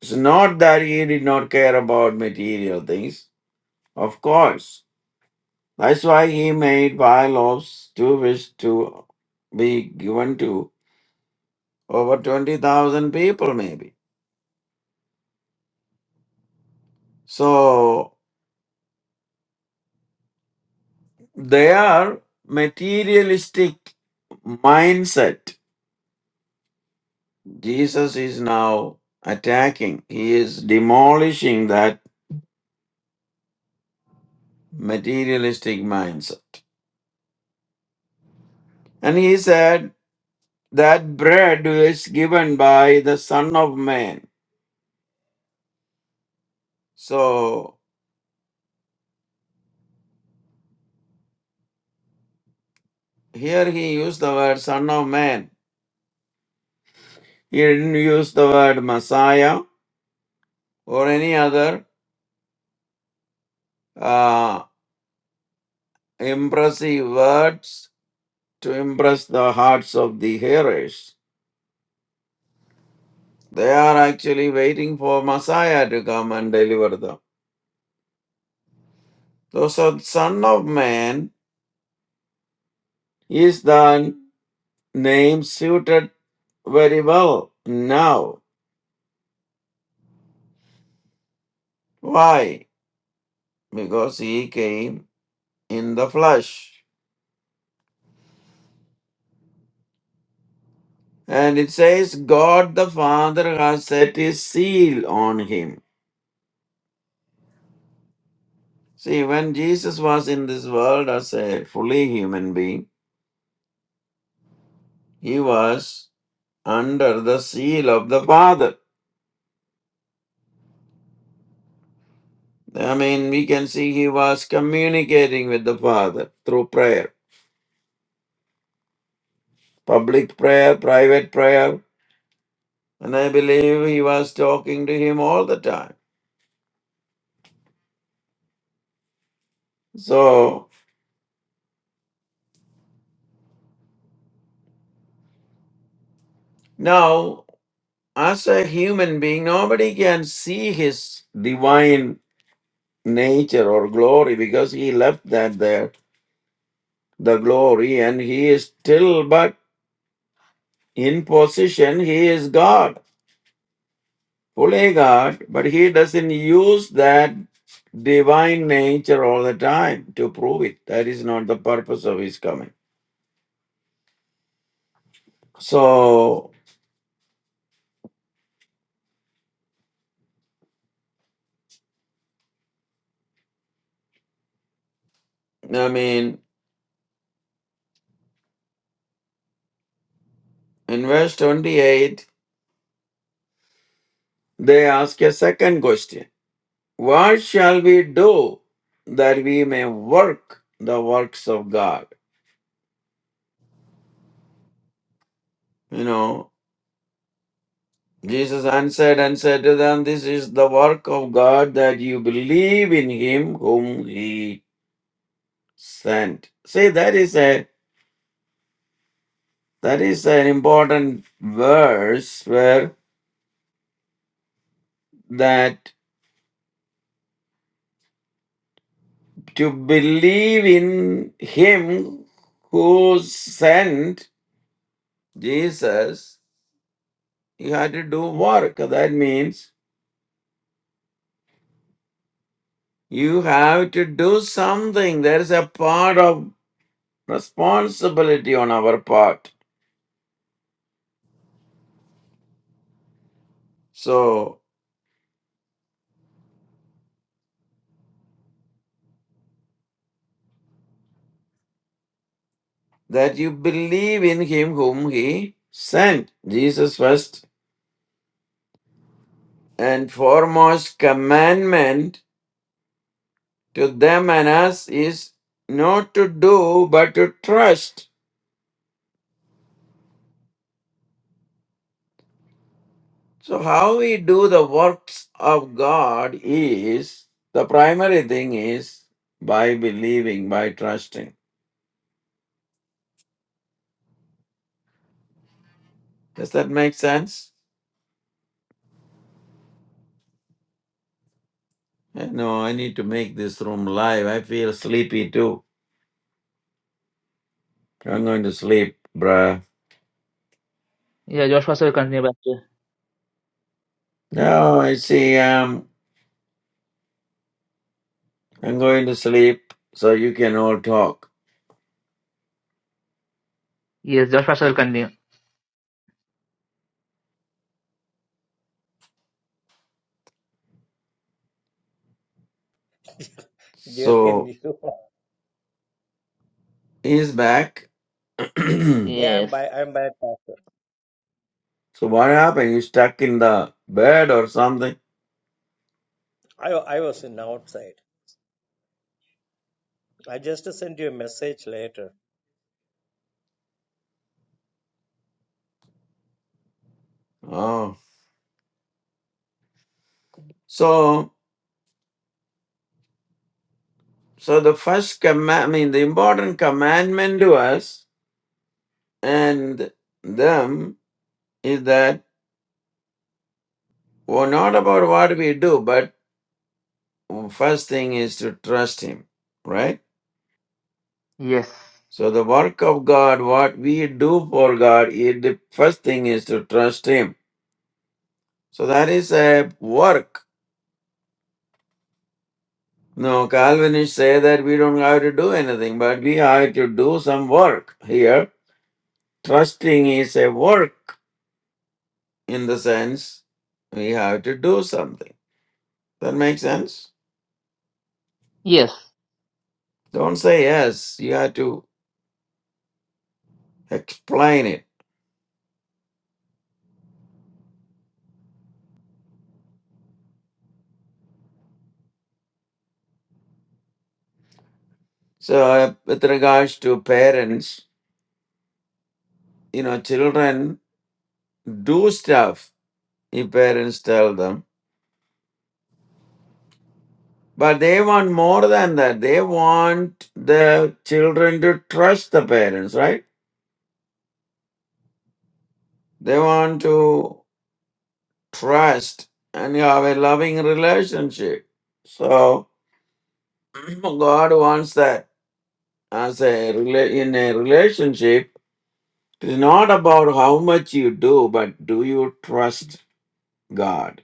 [SPEAKER 2] It's not that he did not care about material things, of course. That's why he made five loaves to wish to be given to over twenty thousand people, maybe. So they are materialistic mindset. Jesus is now attacking, he is demolishing that materialistic mindset. And he said, That bread is given by the Son of Man. So here he used the word Son of Man. He didn't use the word Messiah or any other uh, impressive words to impress the hearts of the hearers. They are actually waiting for Messiah to come and deliver them. So, so Son of Man is the name suited very well now. Why? Because he came in the flesh. And it says, God the Father has set his seal on him. See, when Jesus was in this world as a fully human being, he was under the seal of the Father. I mean, we can see he was communicating with the Father through prayer, public prayer, private prayer, and I believe he was talking to him all the time. So now, as a human being, nobody can see his divine nature or glory because he left that there, the glory, and he is still but in position, he is God. Holy God, but he doesn't use that divine nature all the time to prove it. That is not the purpose of his coming. So, I mean, in verse 28, they ask a second question What shall we do that we may work the works of God? You know, Jesus answered and said to them, This is the work of God that you believe in him whom he sent. See, that is a That is an important verse where that to believe in him who sent Jesus, you had to do work. That means you have to do something. There is a part of responsibility on our part. So that you believe in him whom he sent. Jesus first and foremost commandment to them and us is not to do but to trust. So, how we do the works of God is the primary thing is by believing, by trusting. Does that make sense? I know I need to make this room live. I feel sleepy too. I'm going to sleep, bruh.
[SPEAKER 1] Yeah, Josh Pastor will continue back to.
[SPEAKER 2] No, I see. Um, I'm going to sleep so you can all talk.
[SPEAKER 1] Yes, Josh Pastor will continue.
[SPEAKER 3] Jerim,
[SPEAKER 2] So
[SPEAKER 3] you.
[SPEAKER 2] he's back.
[SPEAKER 3] Yeah, I'm
[SPEAKER 1] Yes.
[SPEAKER 3] by. I'm by. Pastor.
[SPEAKER 2] So what happened? You stuck in the bed or something?
[SPEAKER 3] I wa- I was in outside. I just sent you a message later.
[SPEAKER 2] Oh. So so the first command I mean the important commandment to us and them is that well not about what we do, but first thing is to trust him, right?
[SPEAKER 1] Yes.
[SPEAKER 2] So the work of God, what we do for God, it, the first thing is to trust him. So that is a work. No, Calvinists say that we don't have to do anything, but we have to do some work here Trusting is a work in the sense we have to do something. That makes sense?
[SPEAKER 1] Yes.
[SPEAKER 2] Don't say yes. You have to explain it. So, uh, with regards to parents, you know, children do stuff if parents tell them, but they want more than that. They want the children to trust the parents, right? They want to trust and you have a loving relationship. So, God wants that as a rela- in a relationship it's not about how much you do but do you trust god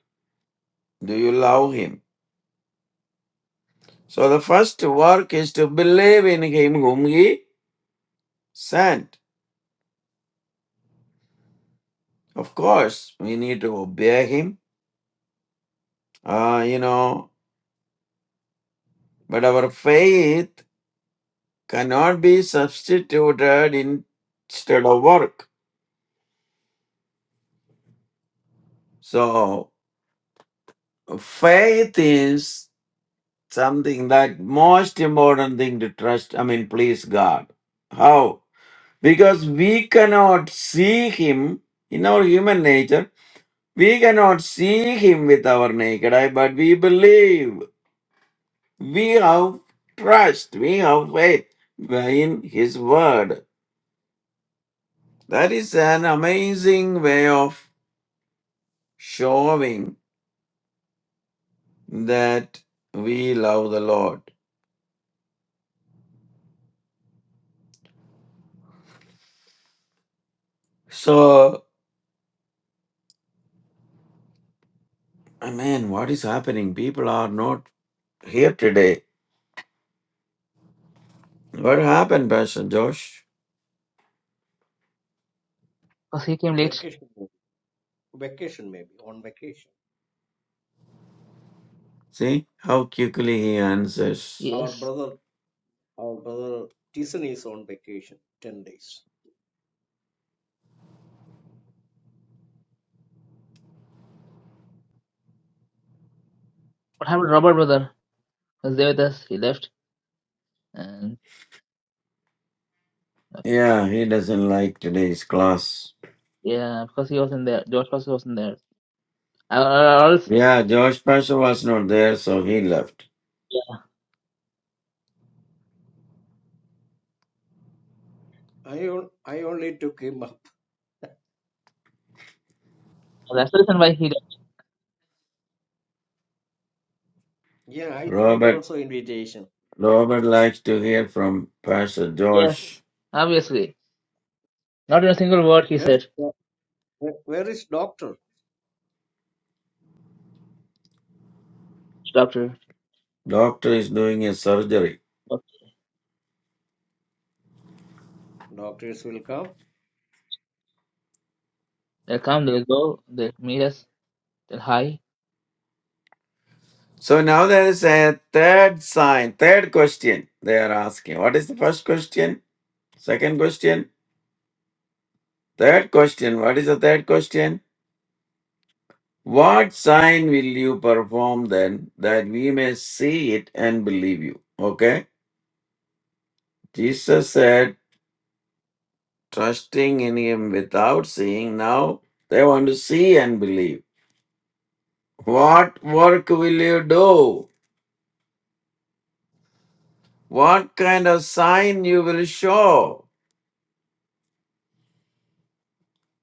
[SPEAKER 2] do you love him so the first work is to believe in him whom he sent of course we need to obey him uh, you know but our faith cannot be substituted in- instead of work so faith is something that most important thing to trust i mean please god how because we cannot see him in our human nature we cannot see him with our naked eye but we believe we have trust we have faith in his word that is an amazing way of showing that we love the lord so I mean, what is happening people are not here today What happened, Pastor Josh?
[SPEAKER 1] Because he came late.
[SPEAKER 3] Vacation, vacation maybe on vacation.
[SPEAKER 2] See how quickly he answers.
[SPEAKER 3] Our
[SPEAKER 1] Yes.
[SPEAKER 3] brother, our brother Tyson is on vacation ten days.
[SPEAKER 1] What happened to Robert, brother? He was there with us. He left. And
[SPEAKER 2] Yeah, he doesn't like today's class.
[SPEAKER 1] yeah, because he wasn't there. Josh Pastor wasn't there. Or, or or else,
[SPEAKER 2] Yeah, Josh Pastor was not there, so he left.
[SPEAKER 1] yeah,
[SPEAKER 3] I on, I only took him up.
[SPEAKER 1] that's the reason why he left.
[SPEAKER 3] Yeah, I sent
[SPEAKER 2] Robert
[SPEAKER 3] also invitation.
[SPEAKER 2] Robert likes to hear from Pastor
[SPEAKER 1] Yes.
[SPEAKER 2] Josh.
[SPEAKER 1] Obviously. Not in a single word he
[SPEAKER 3] Where is
[SPEAKER 1] said,
[SPEAKER 3] doc- where where is doctor?
[SPEAKER 1] Doctor.
[SPEAKER 2] Doctor is doing a surgery.
[SPEAKER 1] Okay.
[SPEAKER 3] Doctors will come.
[SPEAKER 1] They'll come, they'll go, they'll meet us, they'll hi.
[SPEAKER 2] So now there is a third sign, third question they are asking. What is the first question? Second question? Third question. What is the third question? What sign will you perform then that we may see it and believe you? Okay. Jesus said, trusting in him without seeing. Now they want to see and believe. What work will you do? What kind of sign you will show?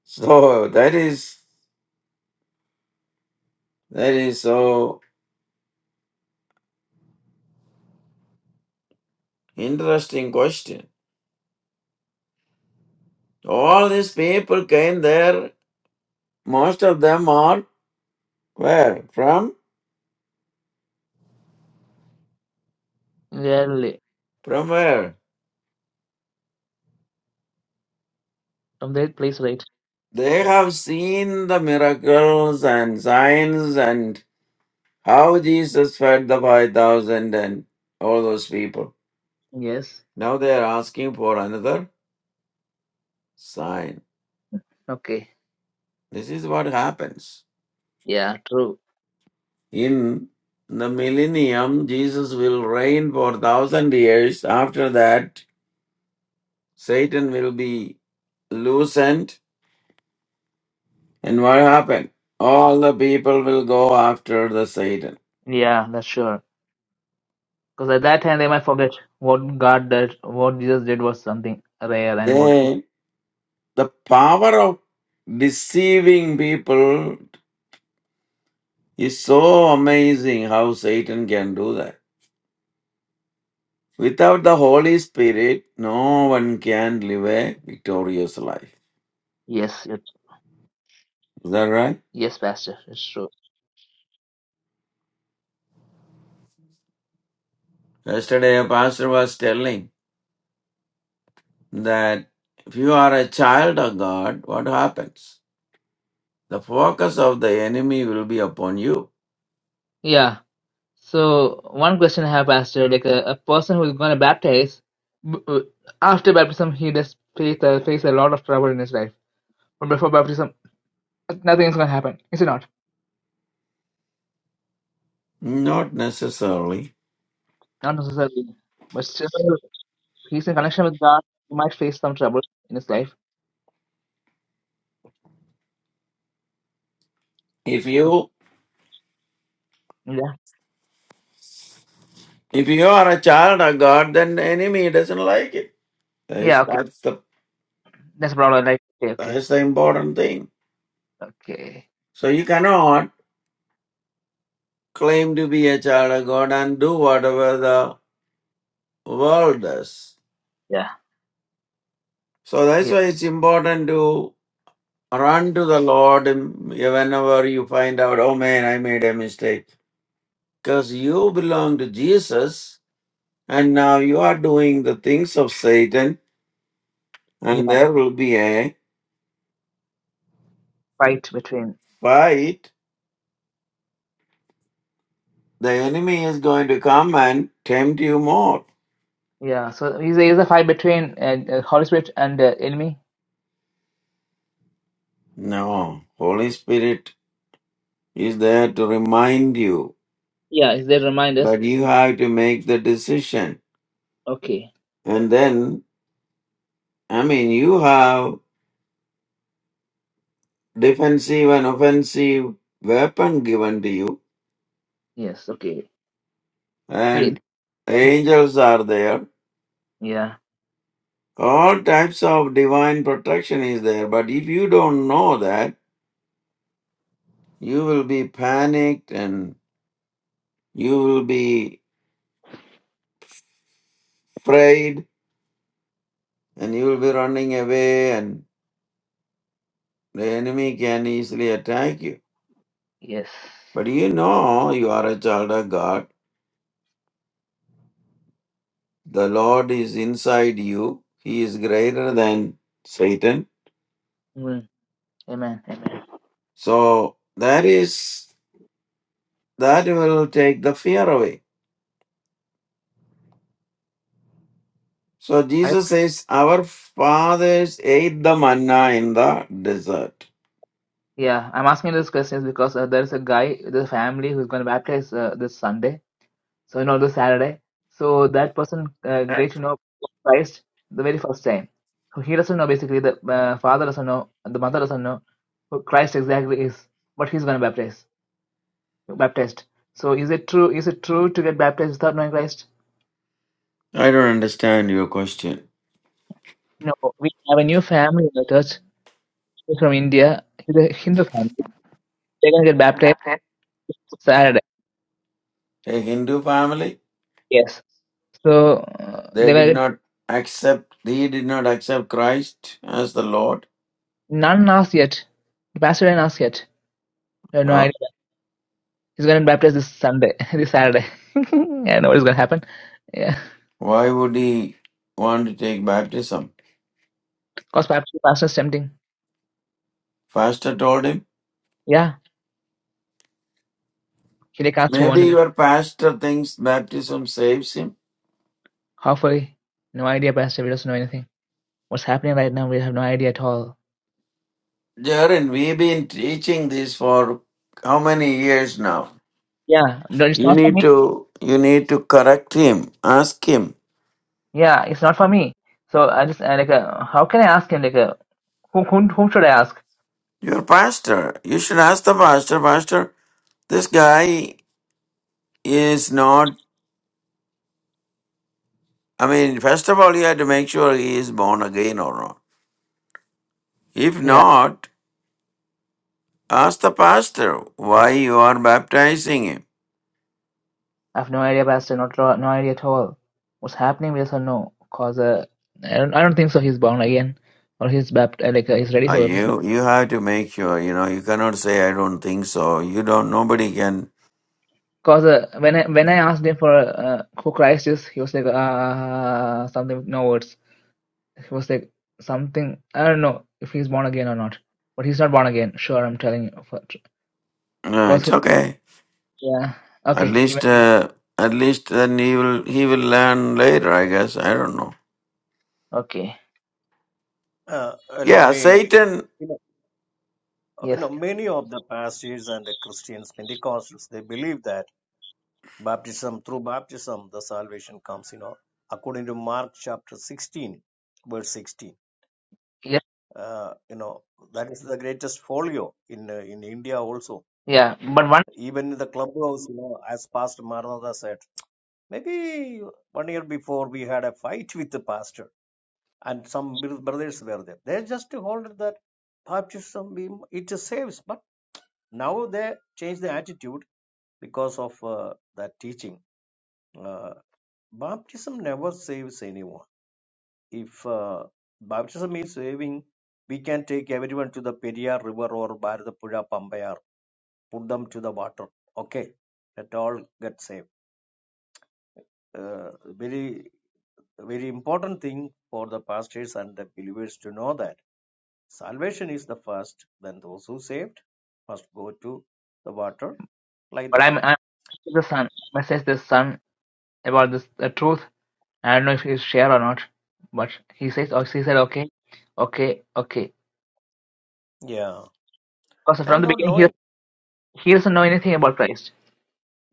[SPEAKER 2] So that is that is so interesting question. All these people came there. Most of them are where? From?
[SPEAKER 1] They'll,
[SPEAKER 2] From where?
[SPEAKER 1] from their place, right?
[SPEAKER 2] They have seen the miracles and signs and how Jesus fed the 5,000 and all those people.
[SPEAKER 1] Yes.
[SPEAKER 2] Now they are asking for another sign.
[SPEAKER 1] Okay.
[SPEAKER 2] This is what happens.
[SPEAKER 1] Yeah, true.
[SPEAKER 2] In the millennium, Jesus will reign for 1,000 years. After that, Satan will be loosened. And what happened? All the people will go after the Satan.
[SPEAKER 1] Yeah, that's sure. Because at that time they might forget what God did, what Jesus did was something rare, and what he.
[SPEAKER 2] They The power of deceiving people is so amazing how Satan can do that. Without the Holy Spirit, no one can live a victorious life.
[SPEAKER 1] Yes, it,
[SPEAKER 2] Is that right?
[SPEAKER 1] yes, Pastor, it's true.
[SPEAKER 2] Yesterday, a pastor was telling that if you are a child of God, what happens? The focus of the enemy will be upon you.
[SPEAKER 1] Yeah. So one question I have, Pastor, like a, a person who is going to baptize, b- uh, after baptism he does face uh, face a lot of trouble in his life, but before baptism nothing is going to happen, is it not?
[SPEAKER 2] Not necessarily.
[SPEAKER 1] Not necessarily, but still he's in connection with God. He might face some trouble in his life.
[SPEAKER 2] If you
[SPEAKER 1] Yeah.
[SPEAKER 2] if you are a child of God, then the enemy doesn't like it. That's,
[SPEAKER 1] Yeah. Okay.
[SPEAKER 2] that's the
[SPEAKER 1] That's a problem. Like okay, okay.
[SPEAKER 2] That's the important thing.
[SPEAKER 1] Okay.
[SPEAKER 2] So you cannot claim to be a child of God and do whatever the world does.
[SPEAKER 1] Yeah.
[SPEAKER 2] So that's
[SPEAKER 1] Yeah.
[SPEAKER 2] why it's important to run to the Lord whenever you find out, oh man, I made a mistake. Because you belong to Jesus and now you are doing the things of Satan
[SPEAKER 1] Yeah.
[SPEAKER 2] and there will be a
[SPEAKER 1] Fight between.
[SPEAKER 2] fight. The enemy is going to come and tempt you more.
[SPEAKER 1] Yeah. So is there is a fight between uh, uh, Holy Spirit and uh, enemy?
[SPEAKER 2] No, Holy Spirit is there to remind you
[SPEAKER 1] Yeah, is that remind us?
[SPEAKER 2] but you have to make the decision.
[SPEAKER 1] Okay.
[SPEAKER 2] And then, I mean, you have defensive and offensive weapon given to you,
[SPEAKER 1] Yes. Okay. See.
[SPEAKER 2] and
[SPEAKER 1] Yeah.
[SPEAKER 2] angels are there.
[SPEAKER 1] Yeah.
[SPEAKER 2] All types of divine protection is there. But if you don't know that, you will be panicked and you will be afraid and you will be running away and the enemy can easily attack you.
[SPEAKER 1] Yes.
[SPEAKER 2] But you know you are a child of God The Lord is inside you. He is greater than Satan.
[SPEAKER 1] Mm. Amen. Amen.
[SPEAKER 2] So that is that will take the fear away. So
[SPEAKER 1] I,
[SPEAKER 2] Jesus says, Our fathers ate the manna in the desert.
[SPEAKER 1] yeah, I'm asking these questions because uh, there is a guy, the family who's going to baptize uh, this Sunday. So you all the Saturday. So that person uh, gets to know Christ the very first time. So he doesn't know basically the uh, father doesn't know the mother doesn't know who Christ exactly is, but he's going to baptize baptized. So is it true? Is it true to get baptized without knowing Christ?
[SPEAKER 2] I don't understand your question.
[SPEAKER 1] No. We have a new family in the church She's from India. She's a Hindu family. They're going to get baptized Saturday.
[SPEAKER 2] A Hindu family,
[SPEAKER 1] Yes. So uh,
[SPEAKER 2] they
[SPEAKER 1] they
[SPEAKER 2] did
[SPEAKER 1] were
[SPEAKER 2] not accept he did not accept Christ as the Lord.
[SPEAKER 1] none asked yet. The pastor didn't ask yet. I have no idea
[SPEAKER 2] Huh?
[SPEAKER 1] He's gonna baptize this Sunday, this Saturday. I know what is gonna happen. Yeah,
[SPEAKER 2] Why would he want to take baptism?
[SPEAKER 1] cause pastor, pastor is tempting.
[SPEAKER 2] Pastor told him
[SPEAKER 1] Yeah, he like asked who want
[SPEAKER 2] Maybe
[SPEAKER 1] to get
[SPEAKER 2] your pastor thinks baptism saves him.
[SPEAKER 1] halfway. No idea, pastor. We do not know anything. What's happening right now? We have no idea at all.
[SPEAKER 2] Jaren, we've been teaching this for how many years now?
[SPEAKER 1] Yeah, no, it's
[SPEAKER 2] You
[SPEAKER 1] not for
[SPEAKER 2] need
[SPEAKER 1] me.
[SPEAKER 2] to you need to correct him. Ask him.
[SPEAKER 1] Yeah, it's not for me. So I just I, like, uh, how can I ask him? Like, uh, who whom, whom should I ask?
[SPEAKER 2] Your pastor. You should ask the pastor, Pastor, this guy is not I mean, first of all you have to make sure he is born again or not. If
[SPEAKER 1] Yeah,
[SPEAKER 2] not, ask the pastor why you are baptizing him.
[SPEAKER 1] I have no idea, pastor. Not no no idea at all. What's happening? We doesn't know. Cause uh, I don't I don't think so. He's born again, or he's bapt- uh, like uh, he's ready
[SPEAKER 2] Uh,
[SPEAKER 1] for baptism
[SPEAKER 2] you you have to make sure. You know, you cannot say I don't think so. You don't. Nobody can.
[SPEAKER 1] Cause uh, when I when I asked him for uh, who Christ is, he was like ah something with no words. He was like something I don't know if he's born again or not, but he's not born again. Sure, I'm telling you. For,
[SPEAKER 2] No,
[SPEAKER 1] cause
[SPEAKER 2] it's
[SPEAKER 1] he-
[SPEAKER 2] okay.
[SPEAKER 1] yeah,
[SPEAKER 2] At
[SPEAKER 1] okay, you may-
[SPEAKER 2] least, uh, at least then he will he will learn later. I guess I don't know.
[SPEAKER 1] okay,
[SPEAKER 3] Uh, uh, let
[SPEAKER 2] Yeah,
[SPEAKER 3] me.
[SPEAKER 2] Satan.
[SPEAKER 3] You know, uh, you
[SPEAKER 1] yes,
[SPEAKER 3] know, many of the pastors and the Christians, Pentecostals, they believe that. Baptism, through baptism, the salvation comes, you know, according to Mark chapter 16, verse 16.
[SPEAKER 1] yes,
[SPEAKER 3] Uh, you know, that is the greatest folio in uh, in India also.
[SPEAKER 1] yeah. But one,
[SPEAKER 3] Even in the clubhouse, you know, as Pastor Maranatha said, maybe one year before we had a fight with the pastor and some brothers were there. They just hold that baptism, it saves. But now they change the attitude because of uh, that teaching. Uh, baptism never saves anyone If uh, baptism is saving, we can take everyone to the Periyar River or Bharatapuzha Pambayar, put them to the water. Okay, that all get saved. Uh, very, very important thing for the pastors and the believers to know that salvation is the first, then those who saved must go to the water like
[SPEAKER 1] but
[SPEAKER 3] that.
[SPEAKER 1] I'm, I'm the son. Message the son about this the truth. I don't know if he's share or not, but he says oh, he said okay, okay, okay.
[SPEAKER 3] Yeah,
[SPEAKER 1] Cause
[SPEAKER 3] they are
[SPEAKER 1] from the
[SPEAKER 3] not
[SPEAKER 1] beginning he
[SPEAKER 3] knowing.
[SPEAKER 1] he doesn't know anything about Christ.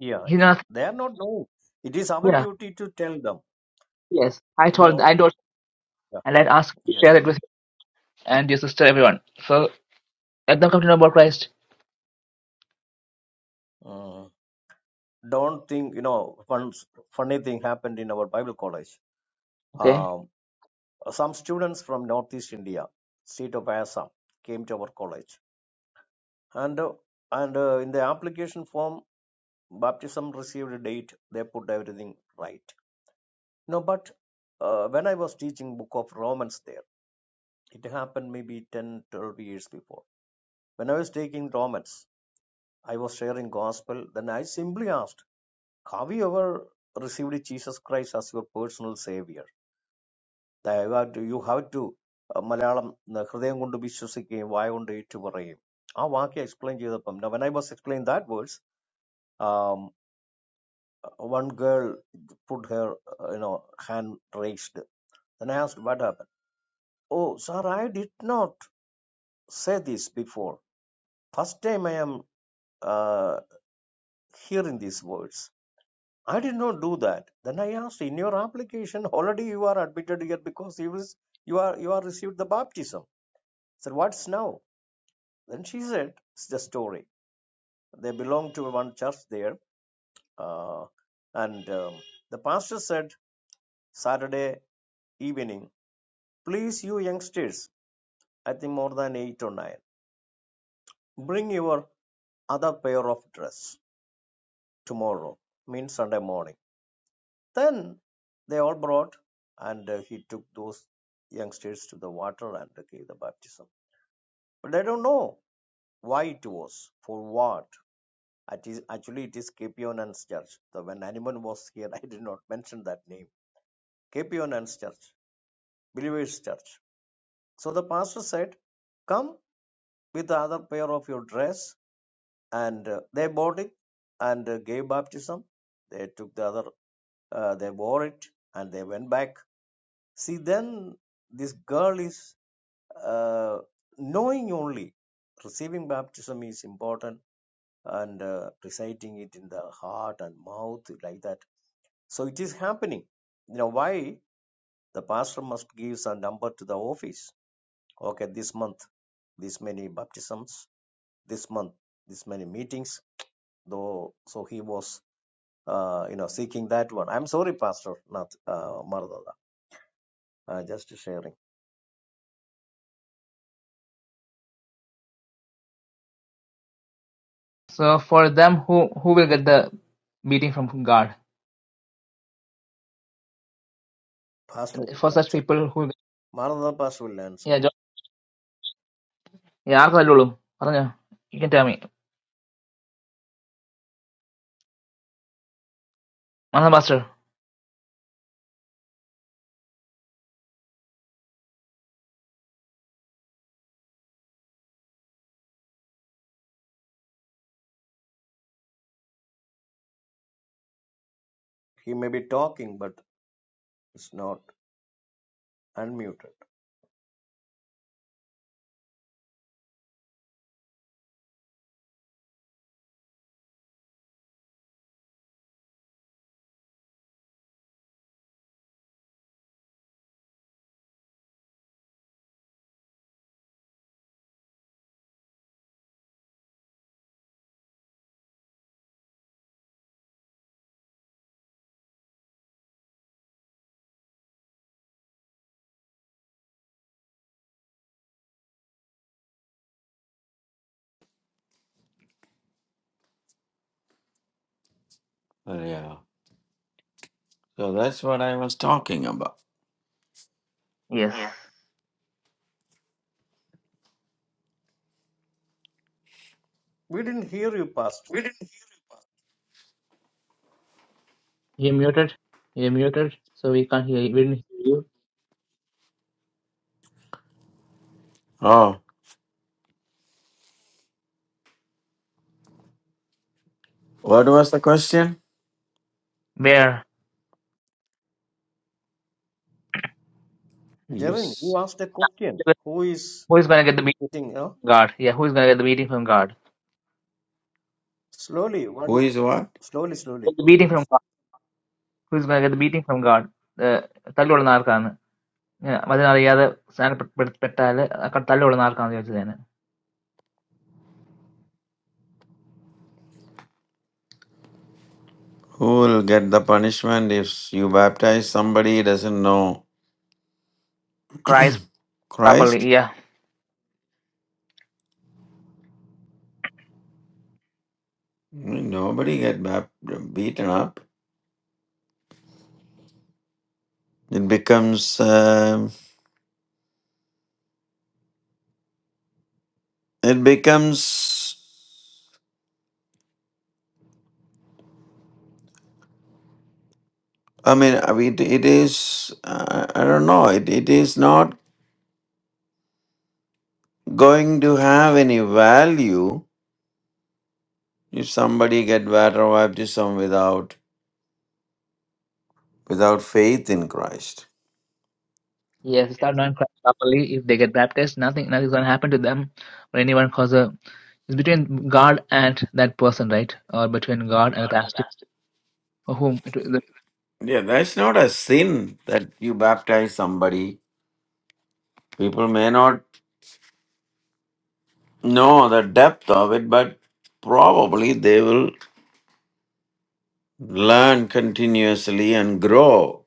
[SPEAKER 3] Yeah,
[SPEAKER 1] He's
[SPEAKER 3] yeah,
[SPEAKER 1] not.
[SPEAKER 3] they are not knowing. It is our
[SPEAKER 1] Yeah
[SPEAKER 3] duty to tell them.
[SPEAKER 1] Yes, I
[SPEAKER 3] You
[SPEAKER 1] told,
[SPEAKER 3] know.
[SPEAKER 1] I told,
[SPEAKER 3] Yeah.
[SPEAKER 1] and I asked you to
[SPEAKER 3] Yes.
[SPEAKER 1] share it with you and your sister, everyone. So let them come to know about Christ.
[SPEAKER 3] Mm. don't think you know one funny thing happened in our bible college
[SPEAKER 1] Okay.
[SPEAKER 3] um, some students from northeast india state of assam came to our college and uh, and uh, in the application form baptism received date they put everything right no but uh, when i was teaching book of romans there it happened maybe 10 12 years before when i was taking romans i was sharing gospel then i simply asked have you ever received jesus christ as your personal savior ദയവായിട്ട് you have to Malayalam ന- ഹൃദയം കൊണ്ട് വിശ്വസിക്കുകയും വായ കൊണ്ട് ഏറ്റുപറയുകയും ആ വാക്യം explain ചെയ്തപ്പം when I was explain that words one girl put hair you know hand raised then i asked what happened oh sir i did not say this before first time i am uh, hearing these words i did not do that then i asked in your application already you are admitted here because you, is, you are you are received the baptism sir what's now Then she said, It's the story. They belong to one church there. Uh, and um, the pastor said, Saturday evening, please, you youngsters, I think more than eight or nine, bring your other pair of dress tomorrow, means Sunday morning. Then they all brought, and uh, he took those youngsters to the water and gave the baptism. But they don't know why it was, for what It is, actually, it is Capionans Church. So when Animan was here, I did not mention that name. Capionans Church, Believers Church. So the pastor said, Come with the other pair of your dress. And uh, they bought it and uh, gave baptism. They took the other, uh, they wore it and they went back. See, then this girl is uh, knowing only receiving baptism is important and uh, reciting it in the heart and mouth like that So it is happening. You know why the pastor must give a number to the office. Okay, this month, this many baptisms, this month, this many meetings. Though, so he was, uh, you know, seeking that one. I'm sorry, Pastor, not uh, Maranatha. Uh, just sharing.
[SPEAKER 1] So for them, who who will get the beating from God?
[SPEAKER 3] Pastor
[SPEAKER 1] For
[SPEAKER 3] will
[SPEAKER 1] such
[SPEAKER 3] answer.
[SPEAKER 1] people who,
[SPEAKER 3] Maranatha Pastor will answer.
[SPEAKER 1] yeah, John, yeah, ആർക്കാ തല്ലുള്ളൂ? പറഞ്ഞോ. you can tell me, Master Master.
[SPEAKER 3] He may be talking, but it's not unmuted.
[SPEAKER 2] Oh, yeah. So that's what I was talking about.
[SPEAKER 1] Yes.
[SPEAKER 3] We didn't hear you, Pastor.
[SPEAKER 1] You're muted. You're muted, so we can't hear you. We didn't hear you.
[SPEAKER 2] Oh, what was the question?
[SPEAKER 1] Where?
[SPEAKER 3] Jaren, you
[SPEAKER 2] Yes.
[SPEAKER 3] asked a question. Who is
[SPEAKER 1] Who is gonna get the beating
[SPEAKER 3] sitting? You know,
[SPEAKER 1] from God? Yeah, who is gonna get the beating from God?
[SPEAKER 3] slowly,
[SPEAKER 2] Who
[SPEAKER 3] one,
[SPEAKER 2] is what?
[SPEAKER 3] slowly, slowly.
[SPEAKER 1] The beating from God. Who is gonna get the beating from God? The Yeah, അതിനറിയാതെ സ്നാനപ്പെട്ടാല് തള്ളിവിടുന്ന ആർക്കാണെന്ന് ചോദിച്ചത് ഞാൻ
[SPEAKER 2] Who will get the punishment if you baptize somebody who doesn't know
[SPEAKER 1] Christ properly.
[SPEAKER 2] Christ?
[SPEAKER 1] Yeah.
[SPEAKER 2] Nobody get bap- beaten up. It becomes um it becomes. I mean, I mean, it, it is. Uh, I don't know. It it is not going to have any value if somebody get water baptism without without faith in Christ.
[SPEAKER 1] Yes, if they start knowing Christ properly. If they get baptized, nothing nothing is gonna happen to them or anyone cause a it's between God and that person, right? Or between God and the pastor or whom it the,
[SPEAKER 2] Yeah, that's not a sin that you baptize somebody. People may not know the depth of it, but probably they will learn continuously and grow.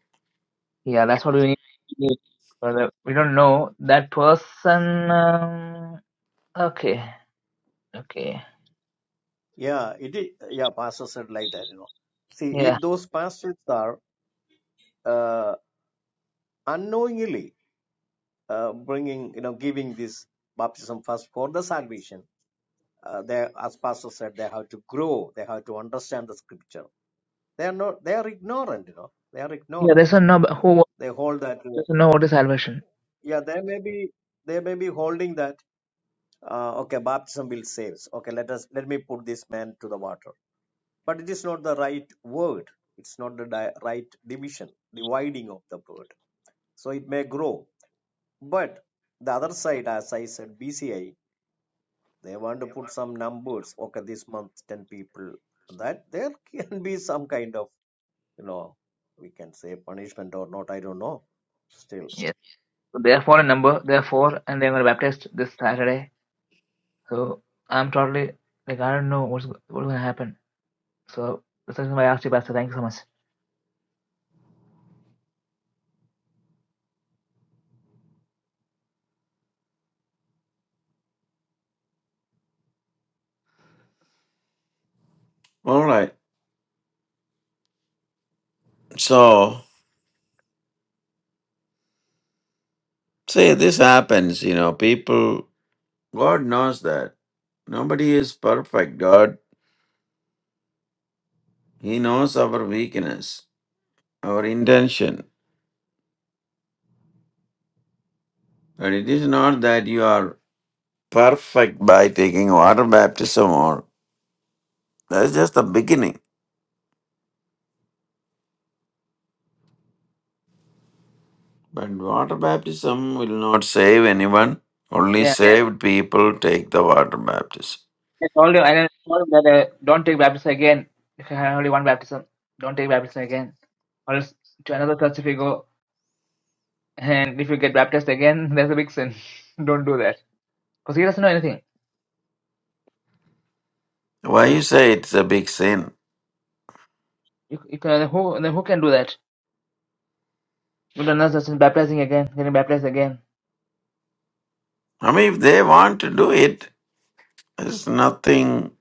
[SPEAKER 1] Yeah, that's what we need. we need for we don't know that person um, okay. Okay.
[SPEAKER 3] Yeah, it is. Yeah, pastor said like that, you know. See,
[SPEAKER 1] Yeah.
[SPEAKER 3] if those pastors are uh, unknowingly uh, bringing, you know, giving this baptism first for the salvation, uh, they, as pastor said, they have to grow, they have to understand the scripture. They are not, they are ignorant, you know, they are
[SPEAKER 1] Yeah,
[SPEAKER 3] ignorant.
[SPEAKER 1] they don't know about- who
[SPEAKER 3] They hold that, uh,
[SPEAKER 1] doesn't know what is salvation.
[SPEAKER 3] yeah, they may be, they may be holding that, uh, okay, baptism will save. us. Okay, let us, let me put this man to the water but it is not the right word it's not the di- right division dividing of the word so it may grow but the other side as i said bci they want to put some numbers okay this month 10 people that there can be some kind of you know we can say punishment or not i don't know still
[SPEAKER 1] Yes. So they are foreign number, they are four and they're gonna baptize this Saturday So I'm totally like I don't know what's what's gonna happen. So that's the reason why I asked you, Pastor. Thank you so much.
[SPEAKER 2] All right. So See, this happens, you know, people, God knows that. Nobody is perfect. God, He knows our weakness, our intention. But it is not that you are perfect by taking water baptism or that's just the beginning. But water baptism will not save anyone. Only
[SPEAKER 1] Yeah,
[SPEAKER 2] saved people take the water baptism.
[SPEAKER 1] I told you, and I told him that uh, don't take baptism again. If you have only one baptism, don't take baptism again, or else to another church if you go, and if you get baptized again, that's a big sin. don't do that because he doesn't know anything.
[SPEAKER 2] Why
[SPEAKER 1] So
[SPEAKER 2] you say it's a big sin?
[SPEAKER 1] you, you can, who then who can do that? Go to another church and baptizing again, getting baptized again.
[SPEAKER 2] I mean, if they want to do it, there's nothing,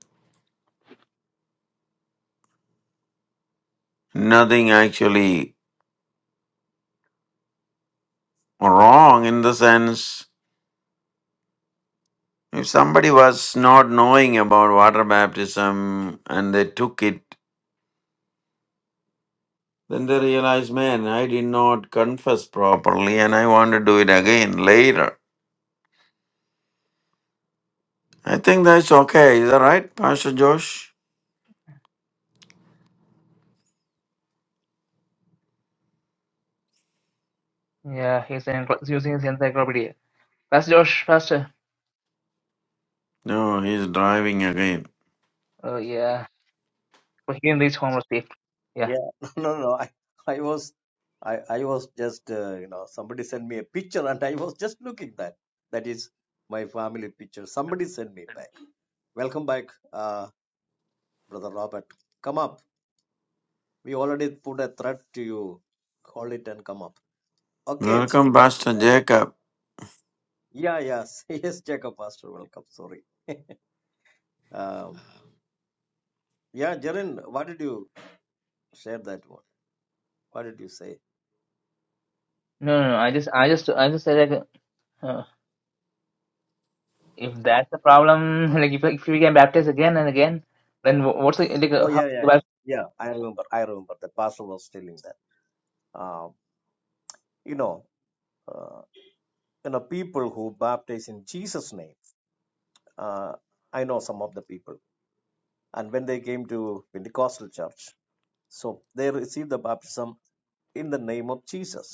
[SPEAKER 2] nothing actually wrong in the sense if somebody was not knowing about water baptism and they took it, then they realized, man, I did not confess properly and I want to do it again later. I think that's okay. Is that right, Pastor Josh?
[SPEAKER 1] Yeah, he's, in, he's using his encyclopedia. Pastor Josh, Pastor.
[SPEAKER 2] No, he's driving again.
[SPEAKER 1] Oh yeah, but he didn't reach home or sleep.
[SPEAKER 3] yeah no no no. i i was i i was just uh, you know somebody sent me a picture and i was just looking that that is my family picture somebody sent me back. Welcome back, uh, Brother Robert. Come up. We already put a threat to you. Hold it and come up. Okay.
[SPEAKER 2] Welcome, Pastor
[SPEAKER 3] Uh,
[SPEAKER 2] Jacob.
[SPEAKER 3] yeah, yes. Yes, Jacob Pastor, welcome. Sorry. Um, yeah, Jaren, what did you share that one? What did you say?
[SPEAKER 1] No, no, no. I just, I just, I just said like, uh, if that's the problem, like if if we can baptize again and again, then wh- what's the like uh,
[SPEAKER 3] Oh,
[SPEAKER 1] how
[SPEAKER 3] yeah, yeah,
[SPEAKER 1] about
[SPEAKER 3] yeah. Yeah, I remember. I remember. The pastor was telling that. Um, you know, uh, you know, people who baptize in Jesus' name. Uh, I know some of the people, and when they came to Pentecostal church, so they received the baptism in the name of Jesus.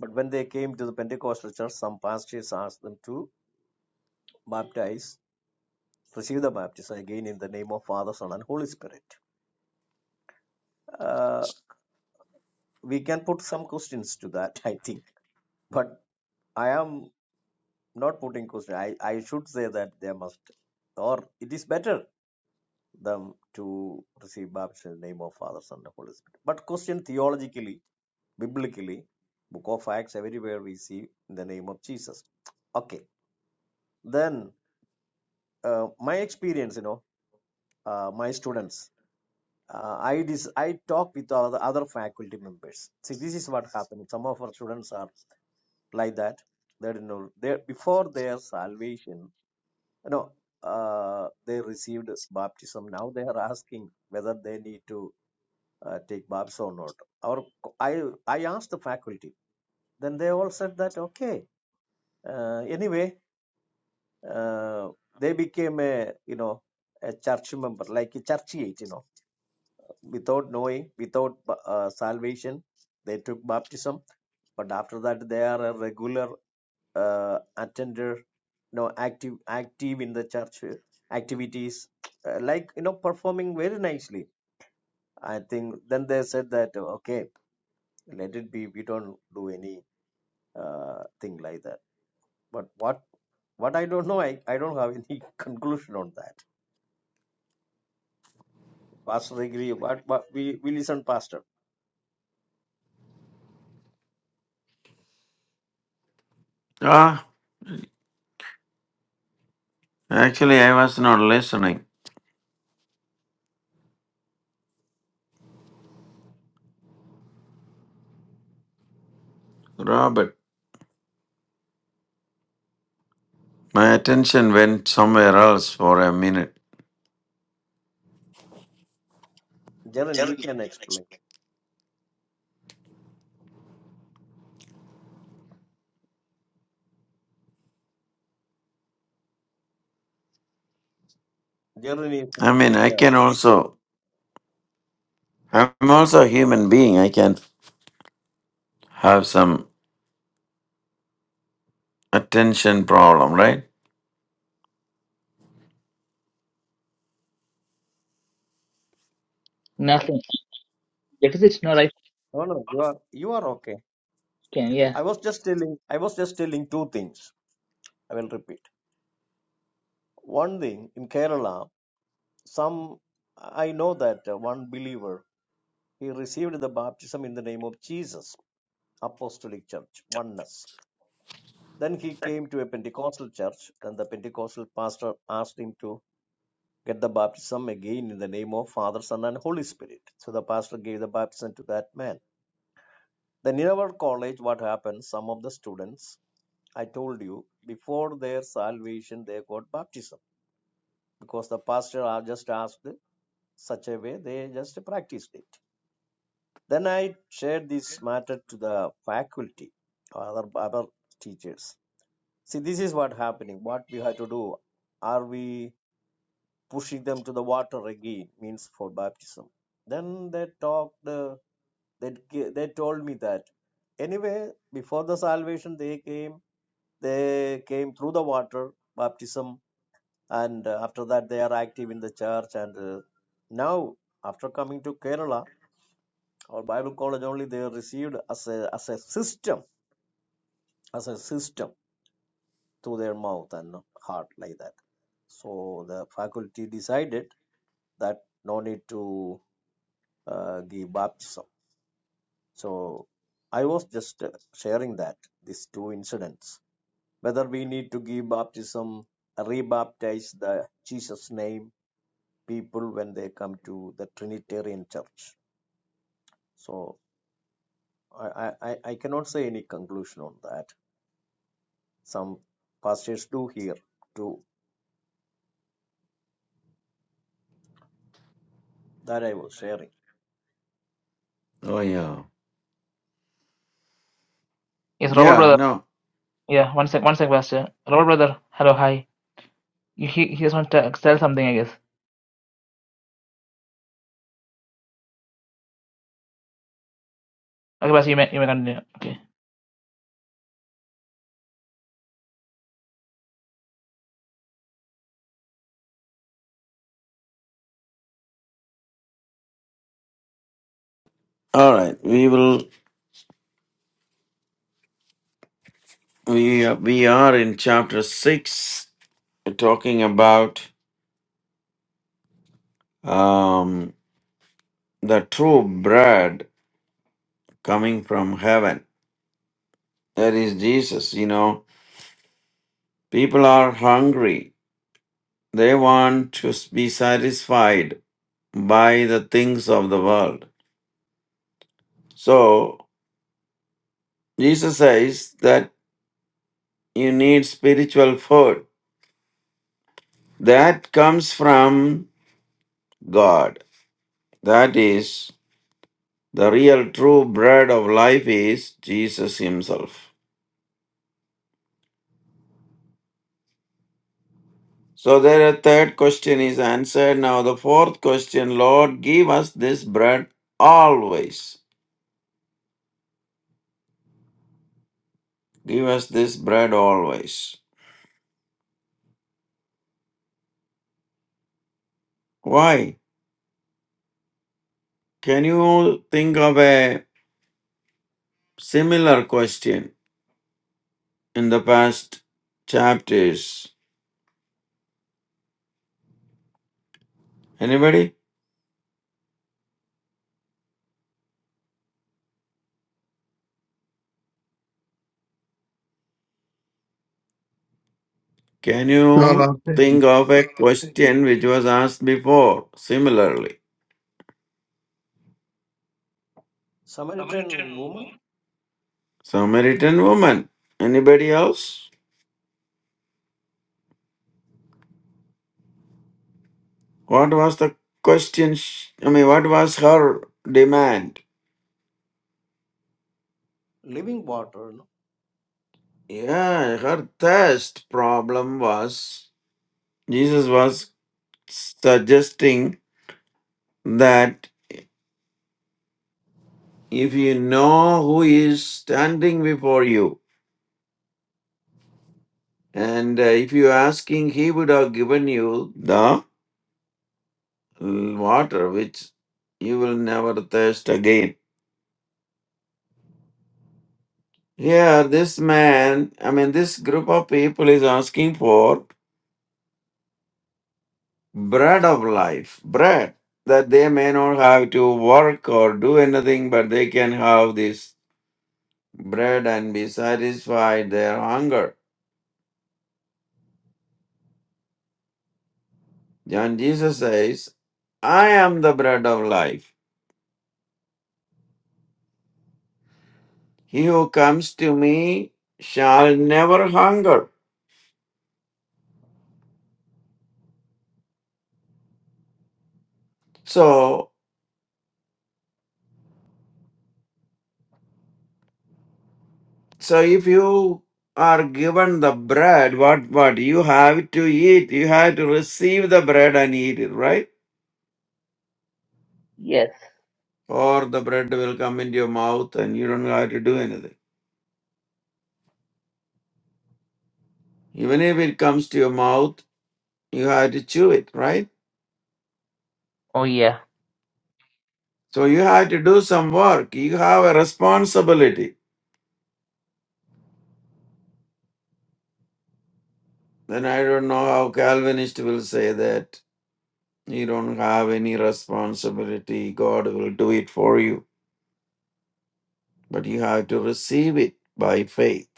[SPEAKER 3] But when they came to the Pentecostal church, some pastors asked them to baptize, receive the baptism again in the name of Father, Son, and Holy Spirit. Uh, we can put some questions to that, I think. But I am not putting questions. I, I should say that they must, or it is better them to receive baptism in the name of Father, Son, and Holy Spirit. But question theologically, biblically, Book of Acts, everywhere we see in the name of Jesus. Okay, then uh, my experience, you know, uh, my students, uh, I dis- I talk with all the other faculty members. See, this is what happened. Some of our students are like that. They don't know. They before their salvation, you know, uh, they received baptism. Now they are asking whether they need to uh, take baptism or not. Or I I asked the faculty. Then they all said that okay. Uh, anyway, uh, they became a you know a church member, like a churchiate, you know without knowing, without uh, salvation, they took baptism. But after that, they are a regular uh, attender, no active, active in the church uh, activities, uh, like you know, performing very nicely. I think then they said that uh, okay, let it be. We don't do any uh, thing like that. But what? What I don't know, I, I don't have any conclusion on that. Pastor agree, but, but we, we listen, Pastor.
[SPEAKER 2] Ah, actually, I was not listening. Robert, my attention went somewhere else for a minute.
[SPEAKER 3] Jaren, you can explain. Jaren is not
[SPEAKER 2] I
[SPEAKER 3] here
[SPEAKER 2] mean, I
[SPEAKER 3] now.
[SPEAKER 2] can also, I'm also a human being. I can have some attention problem, right?
[SPEAKER 1] nothing? That is it. No right.
[SPEAKER 3] No, no, you are you are okay.
[SPEAKER 1] Can yeah.
[SPEAKER 3] I was just telling I was just telling two things. I will repeat. One thing in Kerala, some I know that uh, one believer he received the baptism in the name of Jesus, Apostolic Church, oneness. Then he came to a Pentecostal church. Then the Pentecostal pastor asked him to get the baptism again in the name of Father, Son, and Holy Spirit. So the pastor gave the baptism to that man. Then in our college, what happens? Some of the students I told you before their salvation they got baptism because the pastor just asked such a way they just practiced it. Then I shared this matter to the faculty, or other other teachers. See, this is what happening. What we have to do? Are we pushing them to the water again? Means for baptism. Then they talked. uh, They they told me that anyway before the salvation they came. They came through the water baptism and uh, after that they are active in the church and uh, now after coming to kerala our bible college only they are received as a as a system as a system through their mouth and heart like that so the faculty decided that no need to uh, give baptism so i was just uh, sharing that these two incidents whether we need to give baptism rebaptize the jesus name people when they come to the trinitarian church So I, I, I cannot say any conclusion on that. Some pastors do here too. That I was sharing.
[SPEAKER 2] Oh yeah.
[SPEAKER 1] Yes, Robert
[SPEAKER 2] Yeah,
[SPEAKER 1] brother.
[SPEAKER 2] no.
[SPEAKER 1] Yeah, one sec, one sec, Pastor. Robert brother. Hello, hi. You, he he just want to sell something, I guess. Okay, Pastor, you may you may continue. Okay.
[SPEAKER 2] All right. We will we we are in chapter 6 talking about um the true bread coming from heaven. That is Jesus, you know. People are hungry. They want to be satisfied by the things of the world. So Jesus says that you need spiritual food that comes from God. That is, the real true bread of life is Jesus Himself. So there, the third question is answered. Now, the fourth question Lord, give us this bread always. Give us this bread always. Why? Can you think of a similar question in the past chapters? Anybody? Can
[SPEAKER 4] No,
[SPEAKER 2] you
[SPEAKER 4] no.
[SPEAKER 2] think of a question which was asked before? Similarly,
[SPEAKER 3] Samaritan woman,
[SPEAKER 2] Samaritan woman. Anybody else? What was the question? sh- I mean, what was her demand?
[SPEAKER 3] living water. No,
[SPEAKER 2] Yeah, her thirst problem was Jesus was suggesting that if you know who is standing before you, and uh, if you asking, he would have given you the l- water which you will never thirst again. Here, this man, I mean, this group of people is asking for bread of life, bread that they may not have to work or do anything, but they can have this bread and be satisfied their hunger. John Jesus says, I am the bread of life. He who comes to me shall never hunger. So. So if you are given the bread, what what you have to eat, you have to receive the bread and eat it, right?
[SPEAKER 1] Yes.
[SPEAKER 2] Or the bread will come into your mouth and you don't have to do anything. Even if it comes to your mouth, you have to chew it, right?
[SPEAKER 1] Oh yeah.
[SPEAKER 2] So you have to do some work. You have a responsibility. Then I don't know how Calvinist will say that you don't have any responsibility. God will do it for you. But you have to receive it by faith.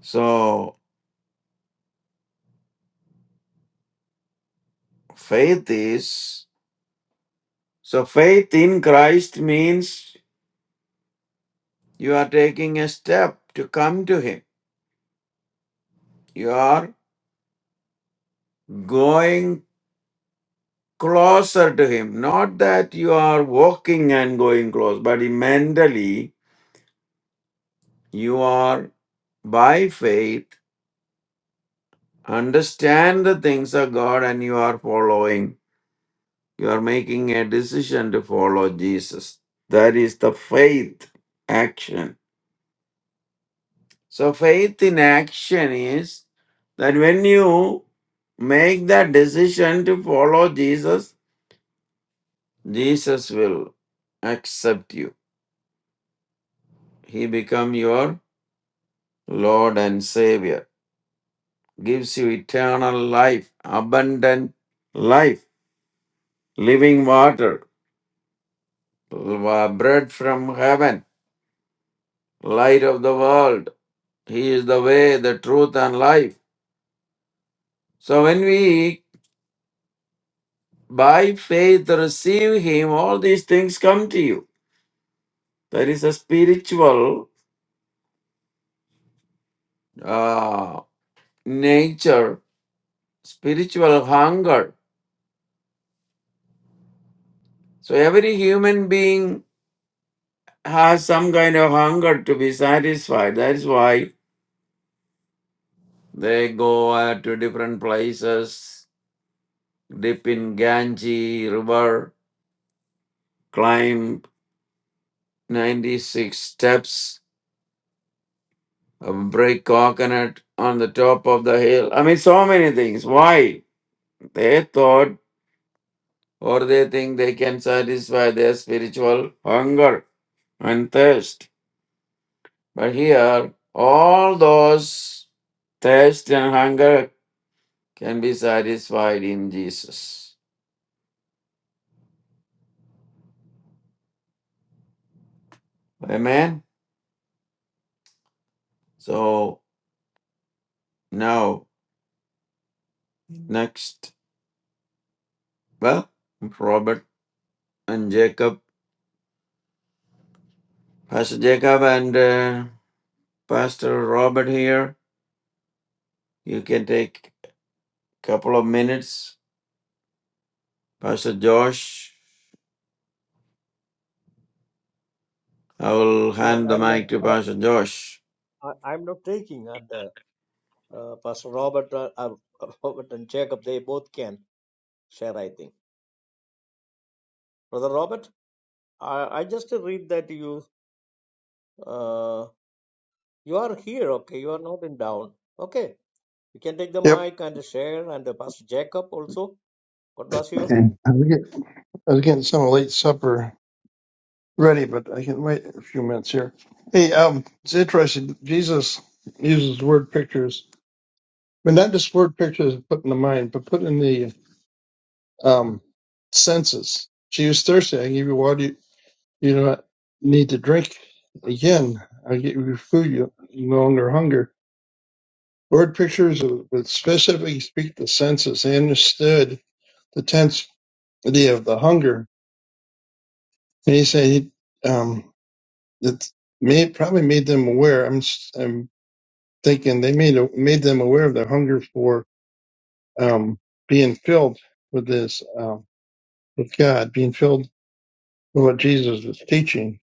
[SPEAKER 2] So Faith is so faith in Christ means you are taking a step to come to Him. You are going closer to Him. Not that you are walking and going close, but mentally you are by faith understand the things of God and you are following. You are making a decision to follow Jesus. That is the faith action. So faith in action is that when you make that decision to follow Jesus, Jesus will accept you. He become your Lord and Savior, gives you eternal life, abundant life, living water, wa- bread from heaven, light of the world. He is the way, the truth, and life. So when we by faith receive Him, all these things come to you. There is a spiritual uh, nature, spiritual hunger. So every human being has some kind of hunger to be satisfied. That's why they go uh, to different places, dip in Ganges river, climb 96 steps, uh, break coconut on the top of the hill. I mean, so many things. Why? They thought or they think they can satisfy their spiritual hunger. and thirst. But here, all those thirst and hunger can be satisfied in Jesus. Amen. So now, next, well, Robert and Jacob, Pastor Jacob and uh, Pastor Robert here. You can take a couple of minutes. Pastor Josh, I will
[SPEAKER 3] no
[SPEAKER 2] hand the
[SPEAKER 3] I'm not.
[SPEAKER 2] mic to
[SPEAKER 3] I,
[SPEAKER 2] Pastor Josh.
[SPEAKER 3] I- I'm not taking. And uh, uh, Pastor Robert, uh, uh, Robert and Jacob, they both can share. I think. Brother Robert, I, I just read that you uh, you are here. Okay, you are not in down. Okay, you can take the
[SPEAKER 4] Yep.
[SPEAKER 3] mic and share. And uh, Pastor Jacob also. God bless you.
[SPEAKER 4] Okay. I was get- I was getting some late supper ready, but I can wait a few minutes here. Hey, um, it's interesting. Jesus uses word pictures, but not just word pictures put in the mind, but put in the um senses. She was thirsty. I give you water. You, you do not need to drink again. I give you food. You you no longer hunger. Word pictures would specifically speak the senses. They understood the tense idea of the hunger And he said he, um, it may probably made them aware. I'm s- I'm thinking they made made them aware of their hunger for um, being filled with this um, with God, being filled with what Jesus was teaching.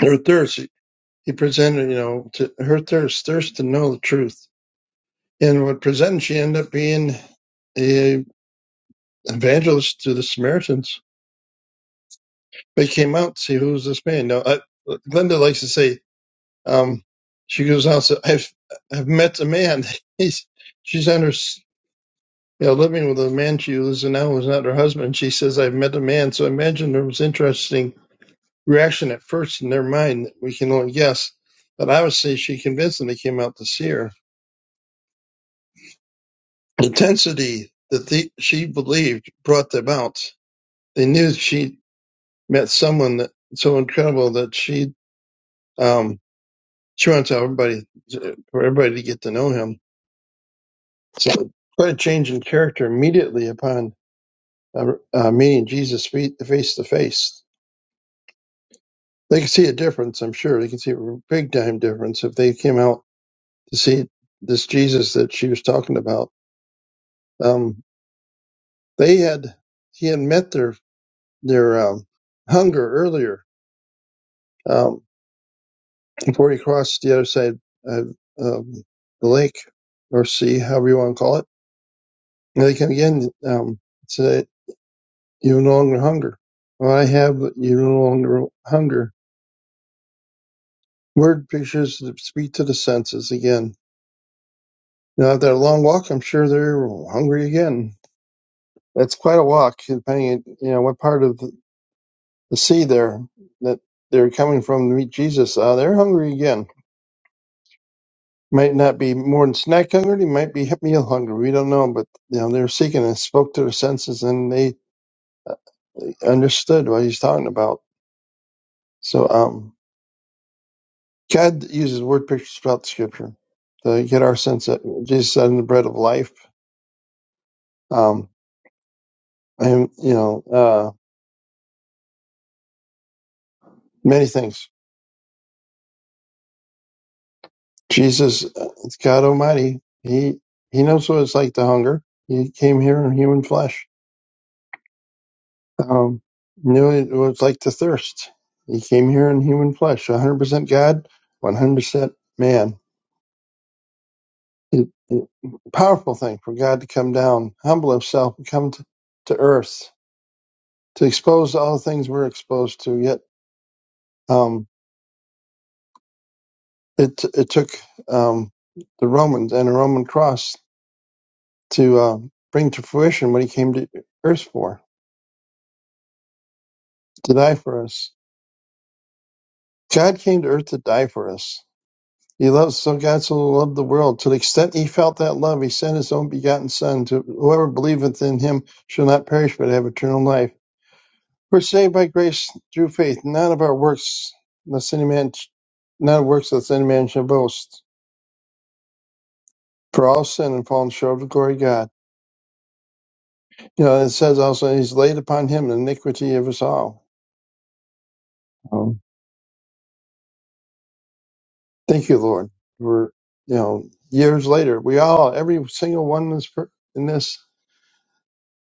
[SPEAKER 4] Her thirst, he presented, you know, to her thirst, thirst to know the truth. And what presented, she ended up being a evangelist to the Samaritans. They came out to see who's this man. Now, I, Glenda likes to say Um, she goes on. So I've I've met a man. He's she's under s- you know living with a man she lives in now who's not her husband. She says I've met a man. So I imagine there was interesting reaction at first in their mind. We can only guess, but obviously she convinced them they came out to see her. The intensity that the, she believed brought them out. They knew she met someone that so incredible that she um she wanted to tell everybody for everybody to get to know him So, quite a change in character immediately upon uh, uh, meeting Jesus fe- face to face. They can see a difference, I'm sure. They can see a big time difference if they came out to see this Jesus that she was talking about. Um, they had he had met their their um, hunger earlier um, before he crossed the other side of um, the lake or sea, however you want to call it. And they come again um, say, "You no longer hunger. Well, I have, but you no longer hunger." Word pictures that speak to the senses again. You know, after a long walk, I'm sure they're hungry again. That's quite a walk, depending, you know, what part of the sea they're that they're coming from to meet Jesus. Uh, they're hungry again. Might not be more than snack hungry. They might be meal hungry. We don't know, but you know, they're seeking and spoke to their senses, and they uh, understood what he's talking about. So, um, God uses word pictures throughout the Scripture to get our sense that Jesus said, "In the bread of life." Um, and you know uh, many things. Jesus, uh, it's God Almighty, he he knows what it's like to hunger. He came here in human flesh. Um, knew it what it's like to thirst. He came here in human flesh, 100% God, 100% man. It, it, powerful thing for God to come down, humble Himself, and come to, to earth to expose all the things we're exposed to. Yet um, it it took um, the Romans and a Roman cross to uh, bring to fruition what he came to earth for, to die for us. God came to earth to die for us. He loves so God so loved the world. To the extent he felt that love, he sent his own begotten son to whoever believeth in him shall not perish but have eternal life. We're saved by grace through faith, not of our works, lest any man not of works lest any man shall boast. For all sin and fallen short of the glory of God. You know, it says also he's laid upon him the iniquity of us all. Thank you, Lord. We're, you know, years later, we all, every single one in this, per- in this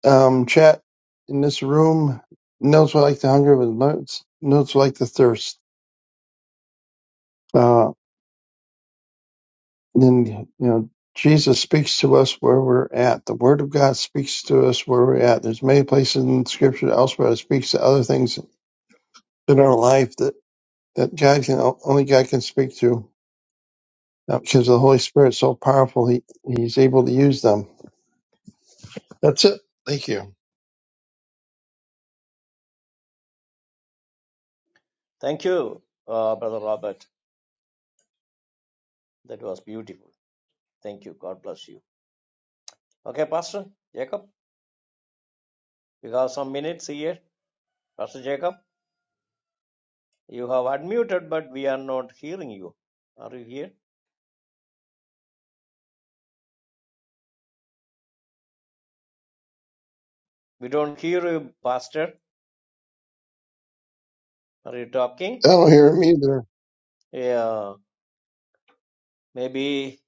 [SPEAKER 4] um, chat, in this room, knows what like the hunger of his knows, knows what like the thirst. Uh, and, you know, Jesus speaks to us where we're at. The Word of God speaks to us where we're at. There's many places in Scripture elsewhere that speaks to other things in our life that, that God can, only God can speak to uh, because the Holy Spirit's so powerful, he, He's able to use them. That's it. Thank you.
[SPEAKER 3] Thank you, uh, Brother Robert. That was beautiful. Thank you. God bless you. Okay, Pastor Jacob, you have some minutes here. Pastor Jacob, you have unmuted, but we are not hearing you. Are you here? We don't hear you, Pastor. Are you
[SPEAKER 4] I
[SPEAKER 3] talking?
[SPEAKER 4] don't hear him either.
[SPEAKER 3] Yeah, maybe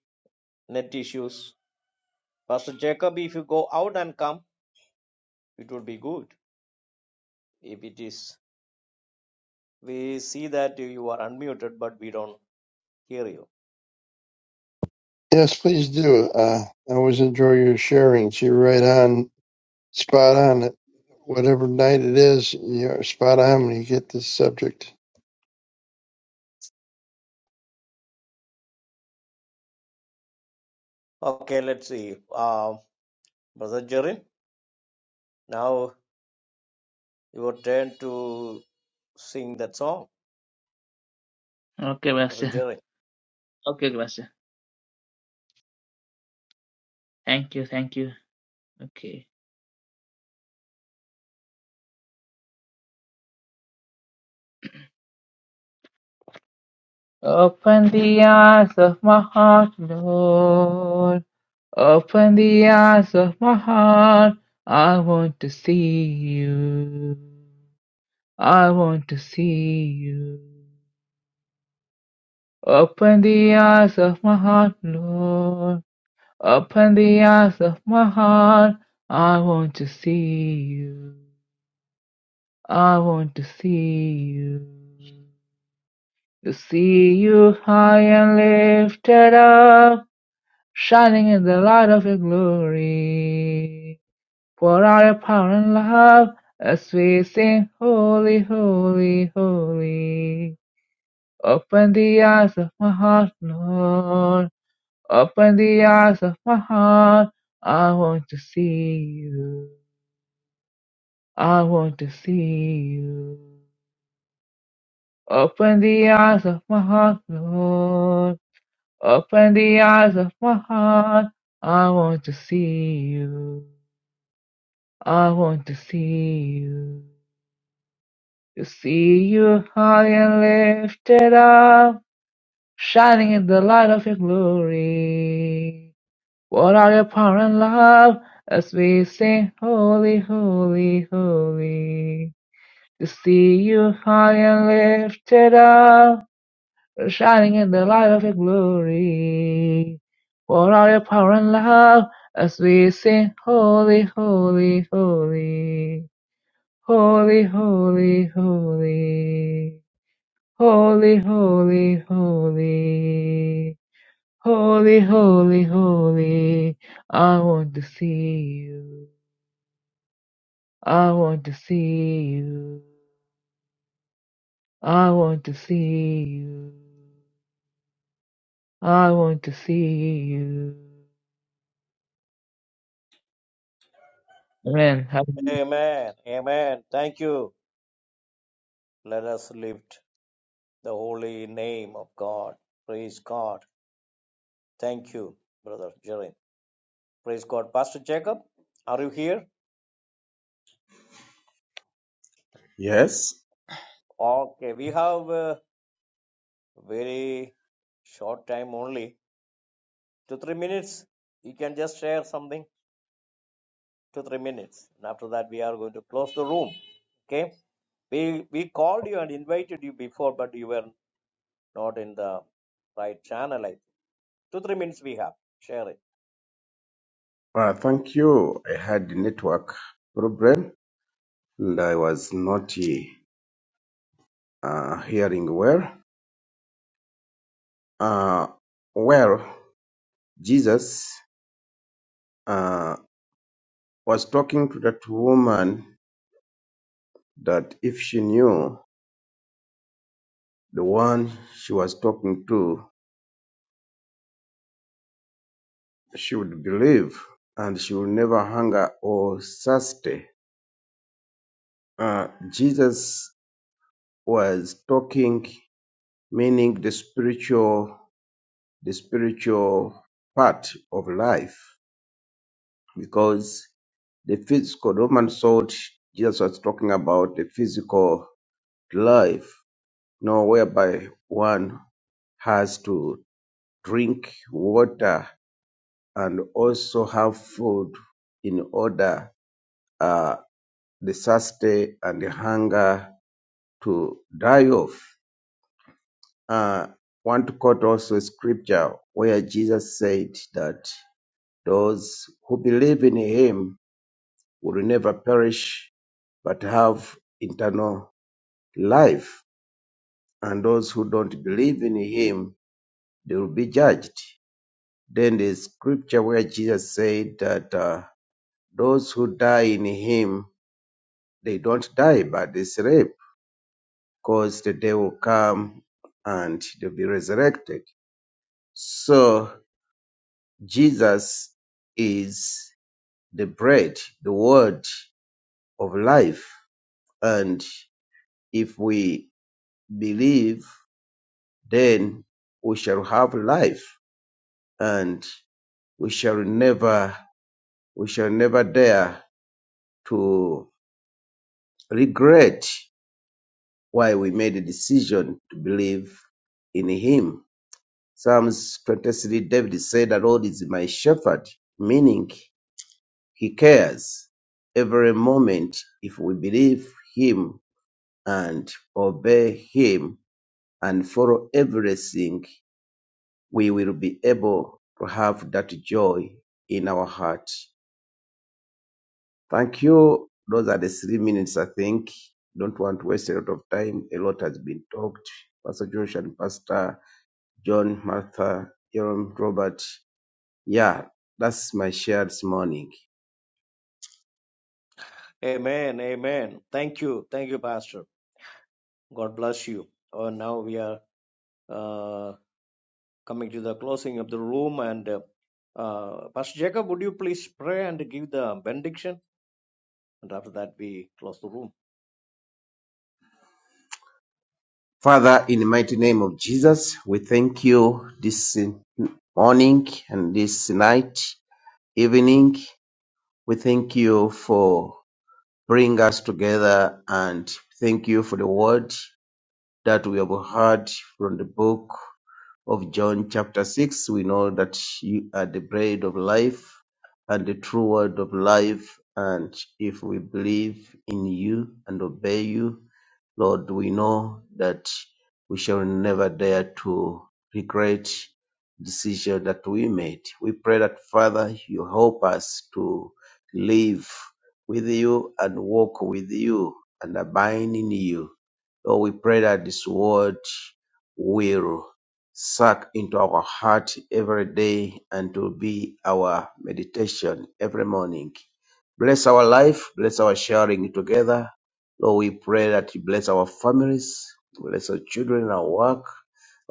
[SPEAKER 3] net issues. Pastor Jacob, if you go out and come, it would be good. If it is, we see that you are unmuted, but we don't hear you.
[SPEAKER 4] Yes, please do. Uh, I always enjoy your sharings. You're right on, spot on. Whatever night it is, you're spot on when you get this subject.
[SPEAKER 3] Okay, let's see. Uh, Brother Jerry, now Your turn to sing that song.
[SPEAKER 1] Okay, Pastor.
[SPEAKER 3] Rejoice.
[SPEAKER 1] Okay, okay, Pastor. Thank you, thank you. Okay. Open the eyes of my heart, Lord. Open the eyes of my heart. I want to see you. I want to see you. Open the eyes of my heart, Lord. Open the eyes of my heart. I want to see you. I want to see you. To see you high and lifted up, shining in the light of your glory. For out your power and love as we sing, Holy, Holy, Holy. Open the eyes of my heart, Lord. Open the eyes of my heart. I want to see you. I want to see you. Open the eyes of my heart, Lord. Open the eyes of my heart. I want to see you. I want to see you. To see you high and lifted up, shining in the light of your glory. What are your power and love as we sing holy, holy, holy. To see you high and lifted up, shining in the light of your glory. What are your power and love as we sing holy, holy, holy. Holy, holy, holy. Holy, holy, holy, holy, holy, holy. I want to see you. I want to see you. I want to see you. I want to see you. Amen. Hallelujah.
[SPEAKER 3] Amen. Amen. Thank you. Let us lift the holy name of God. Praise God. Thank you, Brother Jerin. Praise God. Pastor Jacob, are you here?
[SPEAKER 5] Yes,
[SPEAKER 3] Okay, we have uh, very short time only. Two, three minutes. You can just share something. Two, three minutes. And after that, we are going to close the room. Okay? We, we called you and invited you before, but you were not in the right channel. I think. Two, three minutes we have. Share it.
[SPEAKER 5] uh, thank you. I had a network problem and I was not uh, hearing well. Uh, well, Jesus uh, was talking to that woman that if she knew the one she was talking to, she would believe and she would never hunger or thirsty. Uh, Jesus was talking, meaning the spiritual the spiritual part of life because the physical, the Roman thought Jesus was talking about the physical life, you know, whereby one has to drink water and also have food in order uh, the thirst and the hunger to die off. Uh, want to quote also a scripture where Jesus said that those who believe in him will never perish but have eternal life. And those who don't believe in him, they will be judged. Then the scripture where Jesus said that uh, those who die in him, they don't die, but they sleep, because the day will come and they'll be resurrected. So Jesus is the bread, the word of life. And if we believe then we shall have life and we shall never we shall never dare to regret why we made a decision to believe in him psalms 23 david said the lord is my shepherd meaning he cares every moment if we believe him and obey him and follow everything we will be able to have that joy in our heart. Thank you. Those are the three minutes, I think. Don't want to waste a lot of time. A lot has been talked. Pastor Josh and Pastor John, Martha, Jerome, Robert. Yeah, that's my share this morning.
[SPEAKER 3] Amen. Amen. Thank you. Thank you, Pastor. God bless you. Oh, now we are uh, coming to the closing of the room. And uh, uh, Pastor Jacob, would you please pray and give the benediction? And after that, we close the room.
[SPEAKER 5] Father, in the mighty name of Jesus, we thank you this morning and this night, evening. We thank you for bring us together and thank you for the word that we have heard from the book of John chapter 6. We know that you are the bread of life and the true word of life. And if we believe in you and obey you, Lord, we know that we shall never dare to regret the decision that we made. We pray that Father, you help us to live with you and walk with you and abide in you. Lord, we pray that this word will suck into our heart every day and to be our meditation every morning. Bless our life, bless our sharing together. Lord, we pray that you bless our families, bless our children, our work,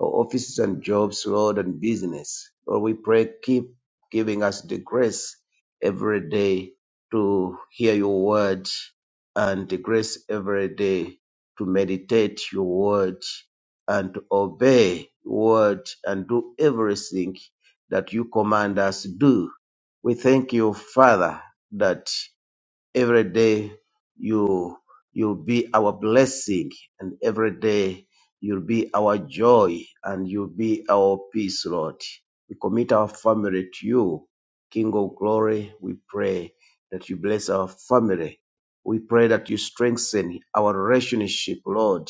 [SPEAKER 5] our offices and jobs, Lord, and business. Lord, we pray, keep giving us the grace every day to hear your word and the grace every day to meditate your word and to obey your word and do everything that you command us to do. We thank you, Father, that every day you you'll be our blessing and every day you'll be our joy and you'll be our peace lord we commit our family to you king of glory we pray that you bless our family we pray that you strengthen our relationship lord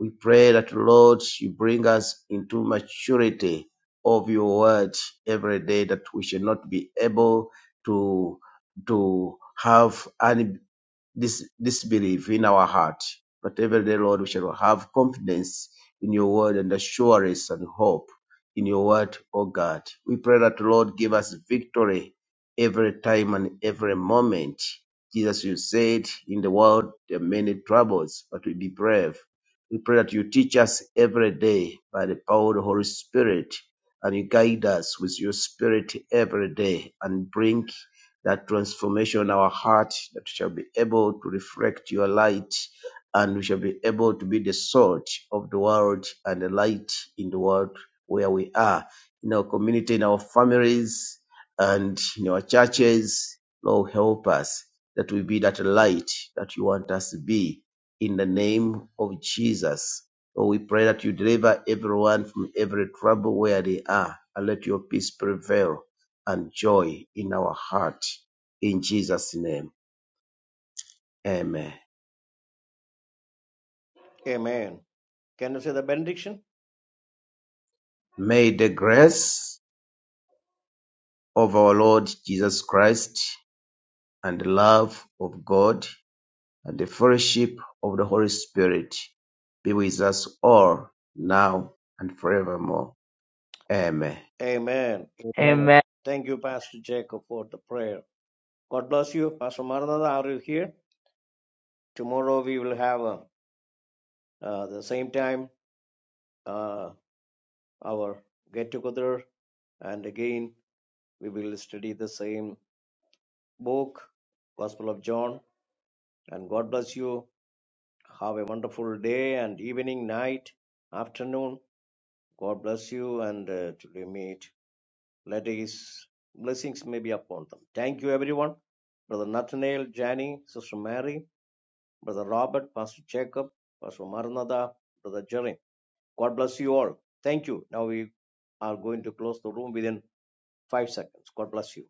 [SPEAKER 5] we pray that lord you bring us into maturity of your word every day that we shall not be able to to have any dis- disbelief in our heart. But every day, Lord, we shall have confidence in your word and assurance and hope in your word, O God. We pray that, Lord, give us victory every time and every moment. Jesus, you said in the world there are many troubles, but we be brave. We pray that you teach us every day by the power of the Holy Spirit and you guide us with your spirit every day and bring that transformation in our heart that we shall be able to reflect your light and we shall be able to be the salt of the world and the light in the world where we are in our community in our families and in our churches lord help us that we be that light that you want us to be in the name of jesus Lord, we pray that you deliver everyone from every trouble where they are and let your peace prevail and joy in our heart. In Jesus' name, amen.
[SPEAKER 3] Amen. Can you say the benediction?
[SPEAKER 5] May the grace of our Lord Jesus Christ and the love of God and the fellowship of the Holy Spirit be with us all now and forevermore. Amen.
[SPEAKER 3] Amen. Amen.
[SPEAKER 1] Amen.
[SPEAKER 3] Thank you, Pastor Jacob, for the prayer. God bless you. Pastor Maranatha, are you here? Tomorrow we will have uh, uh, the same time uh, our get together and again we will study the same book gospel of john and god bless you have a wonderful day and evening night afternoon god bless you and uh, till we meet let his blessings may be upon them thank you everyone brother nathaniel Jani, sister mary brother robert pastor jacob pastor maranatha brother jerry god bless you all thank you now we are going to close the room within five seconds god bless you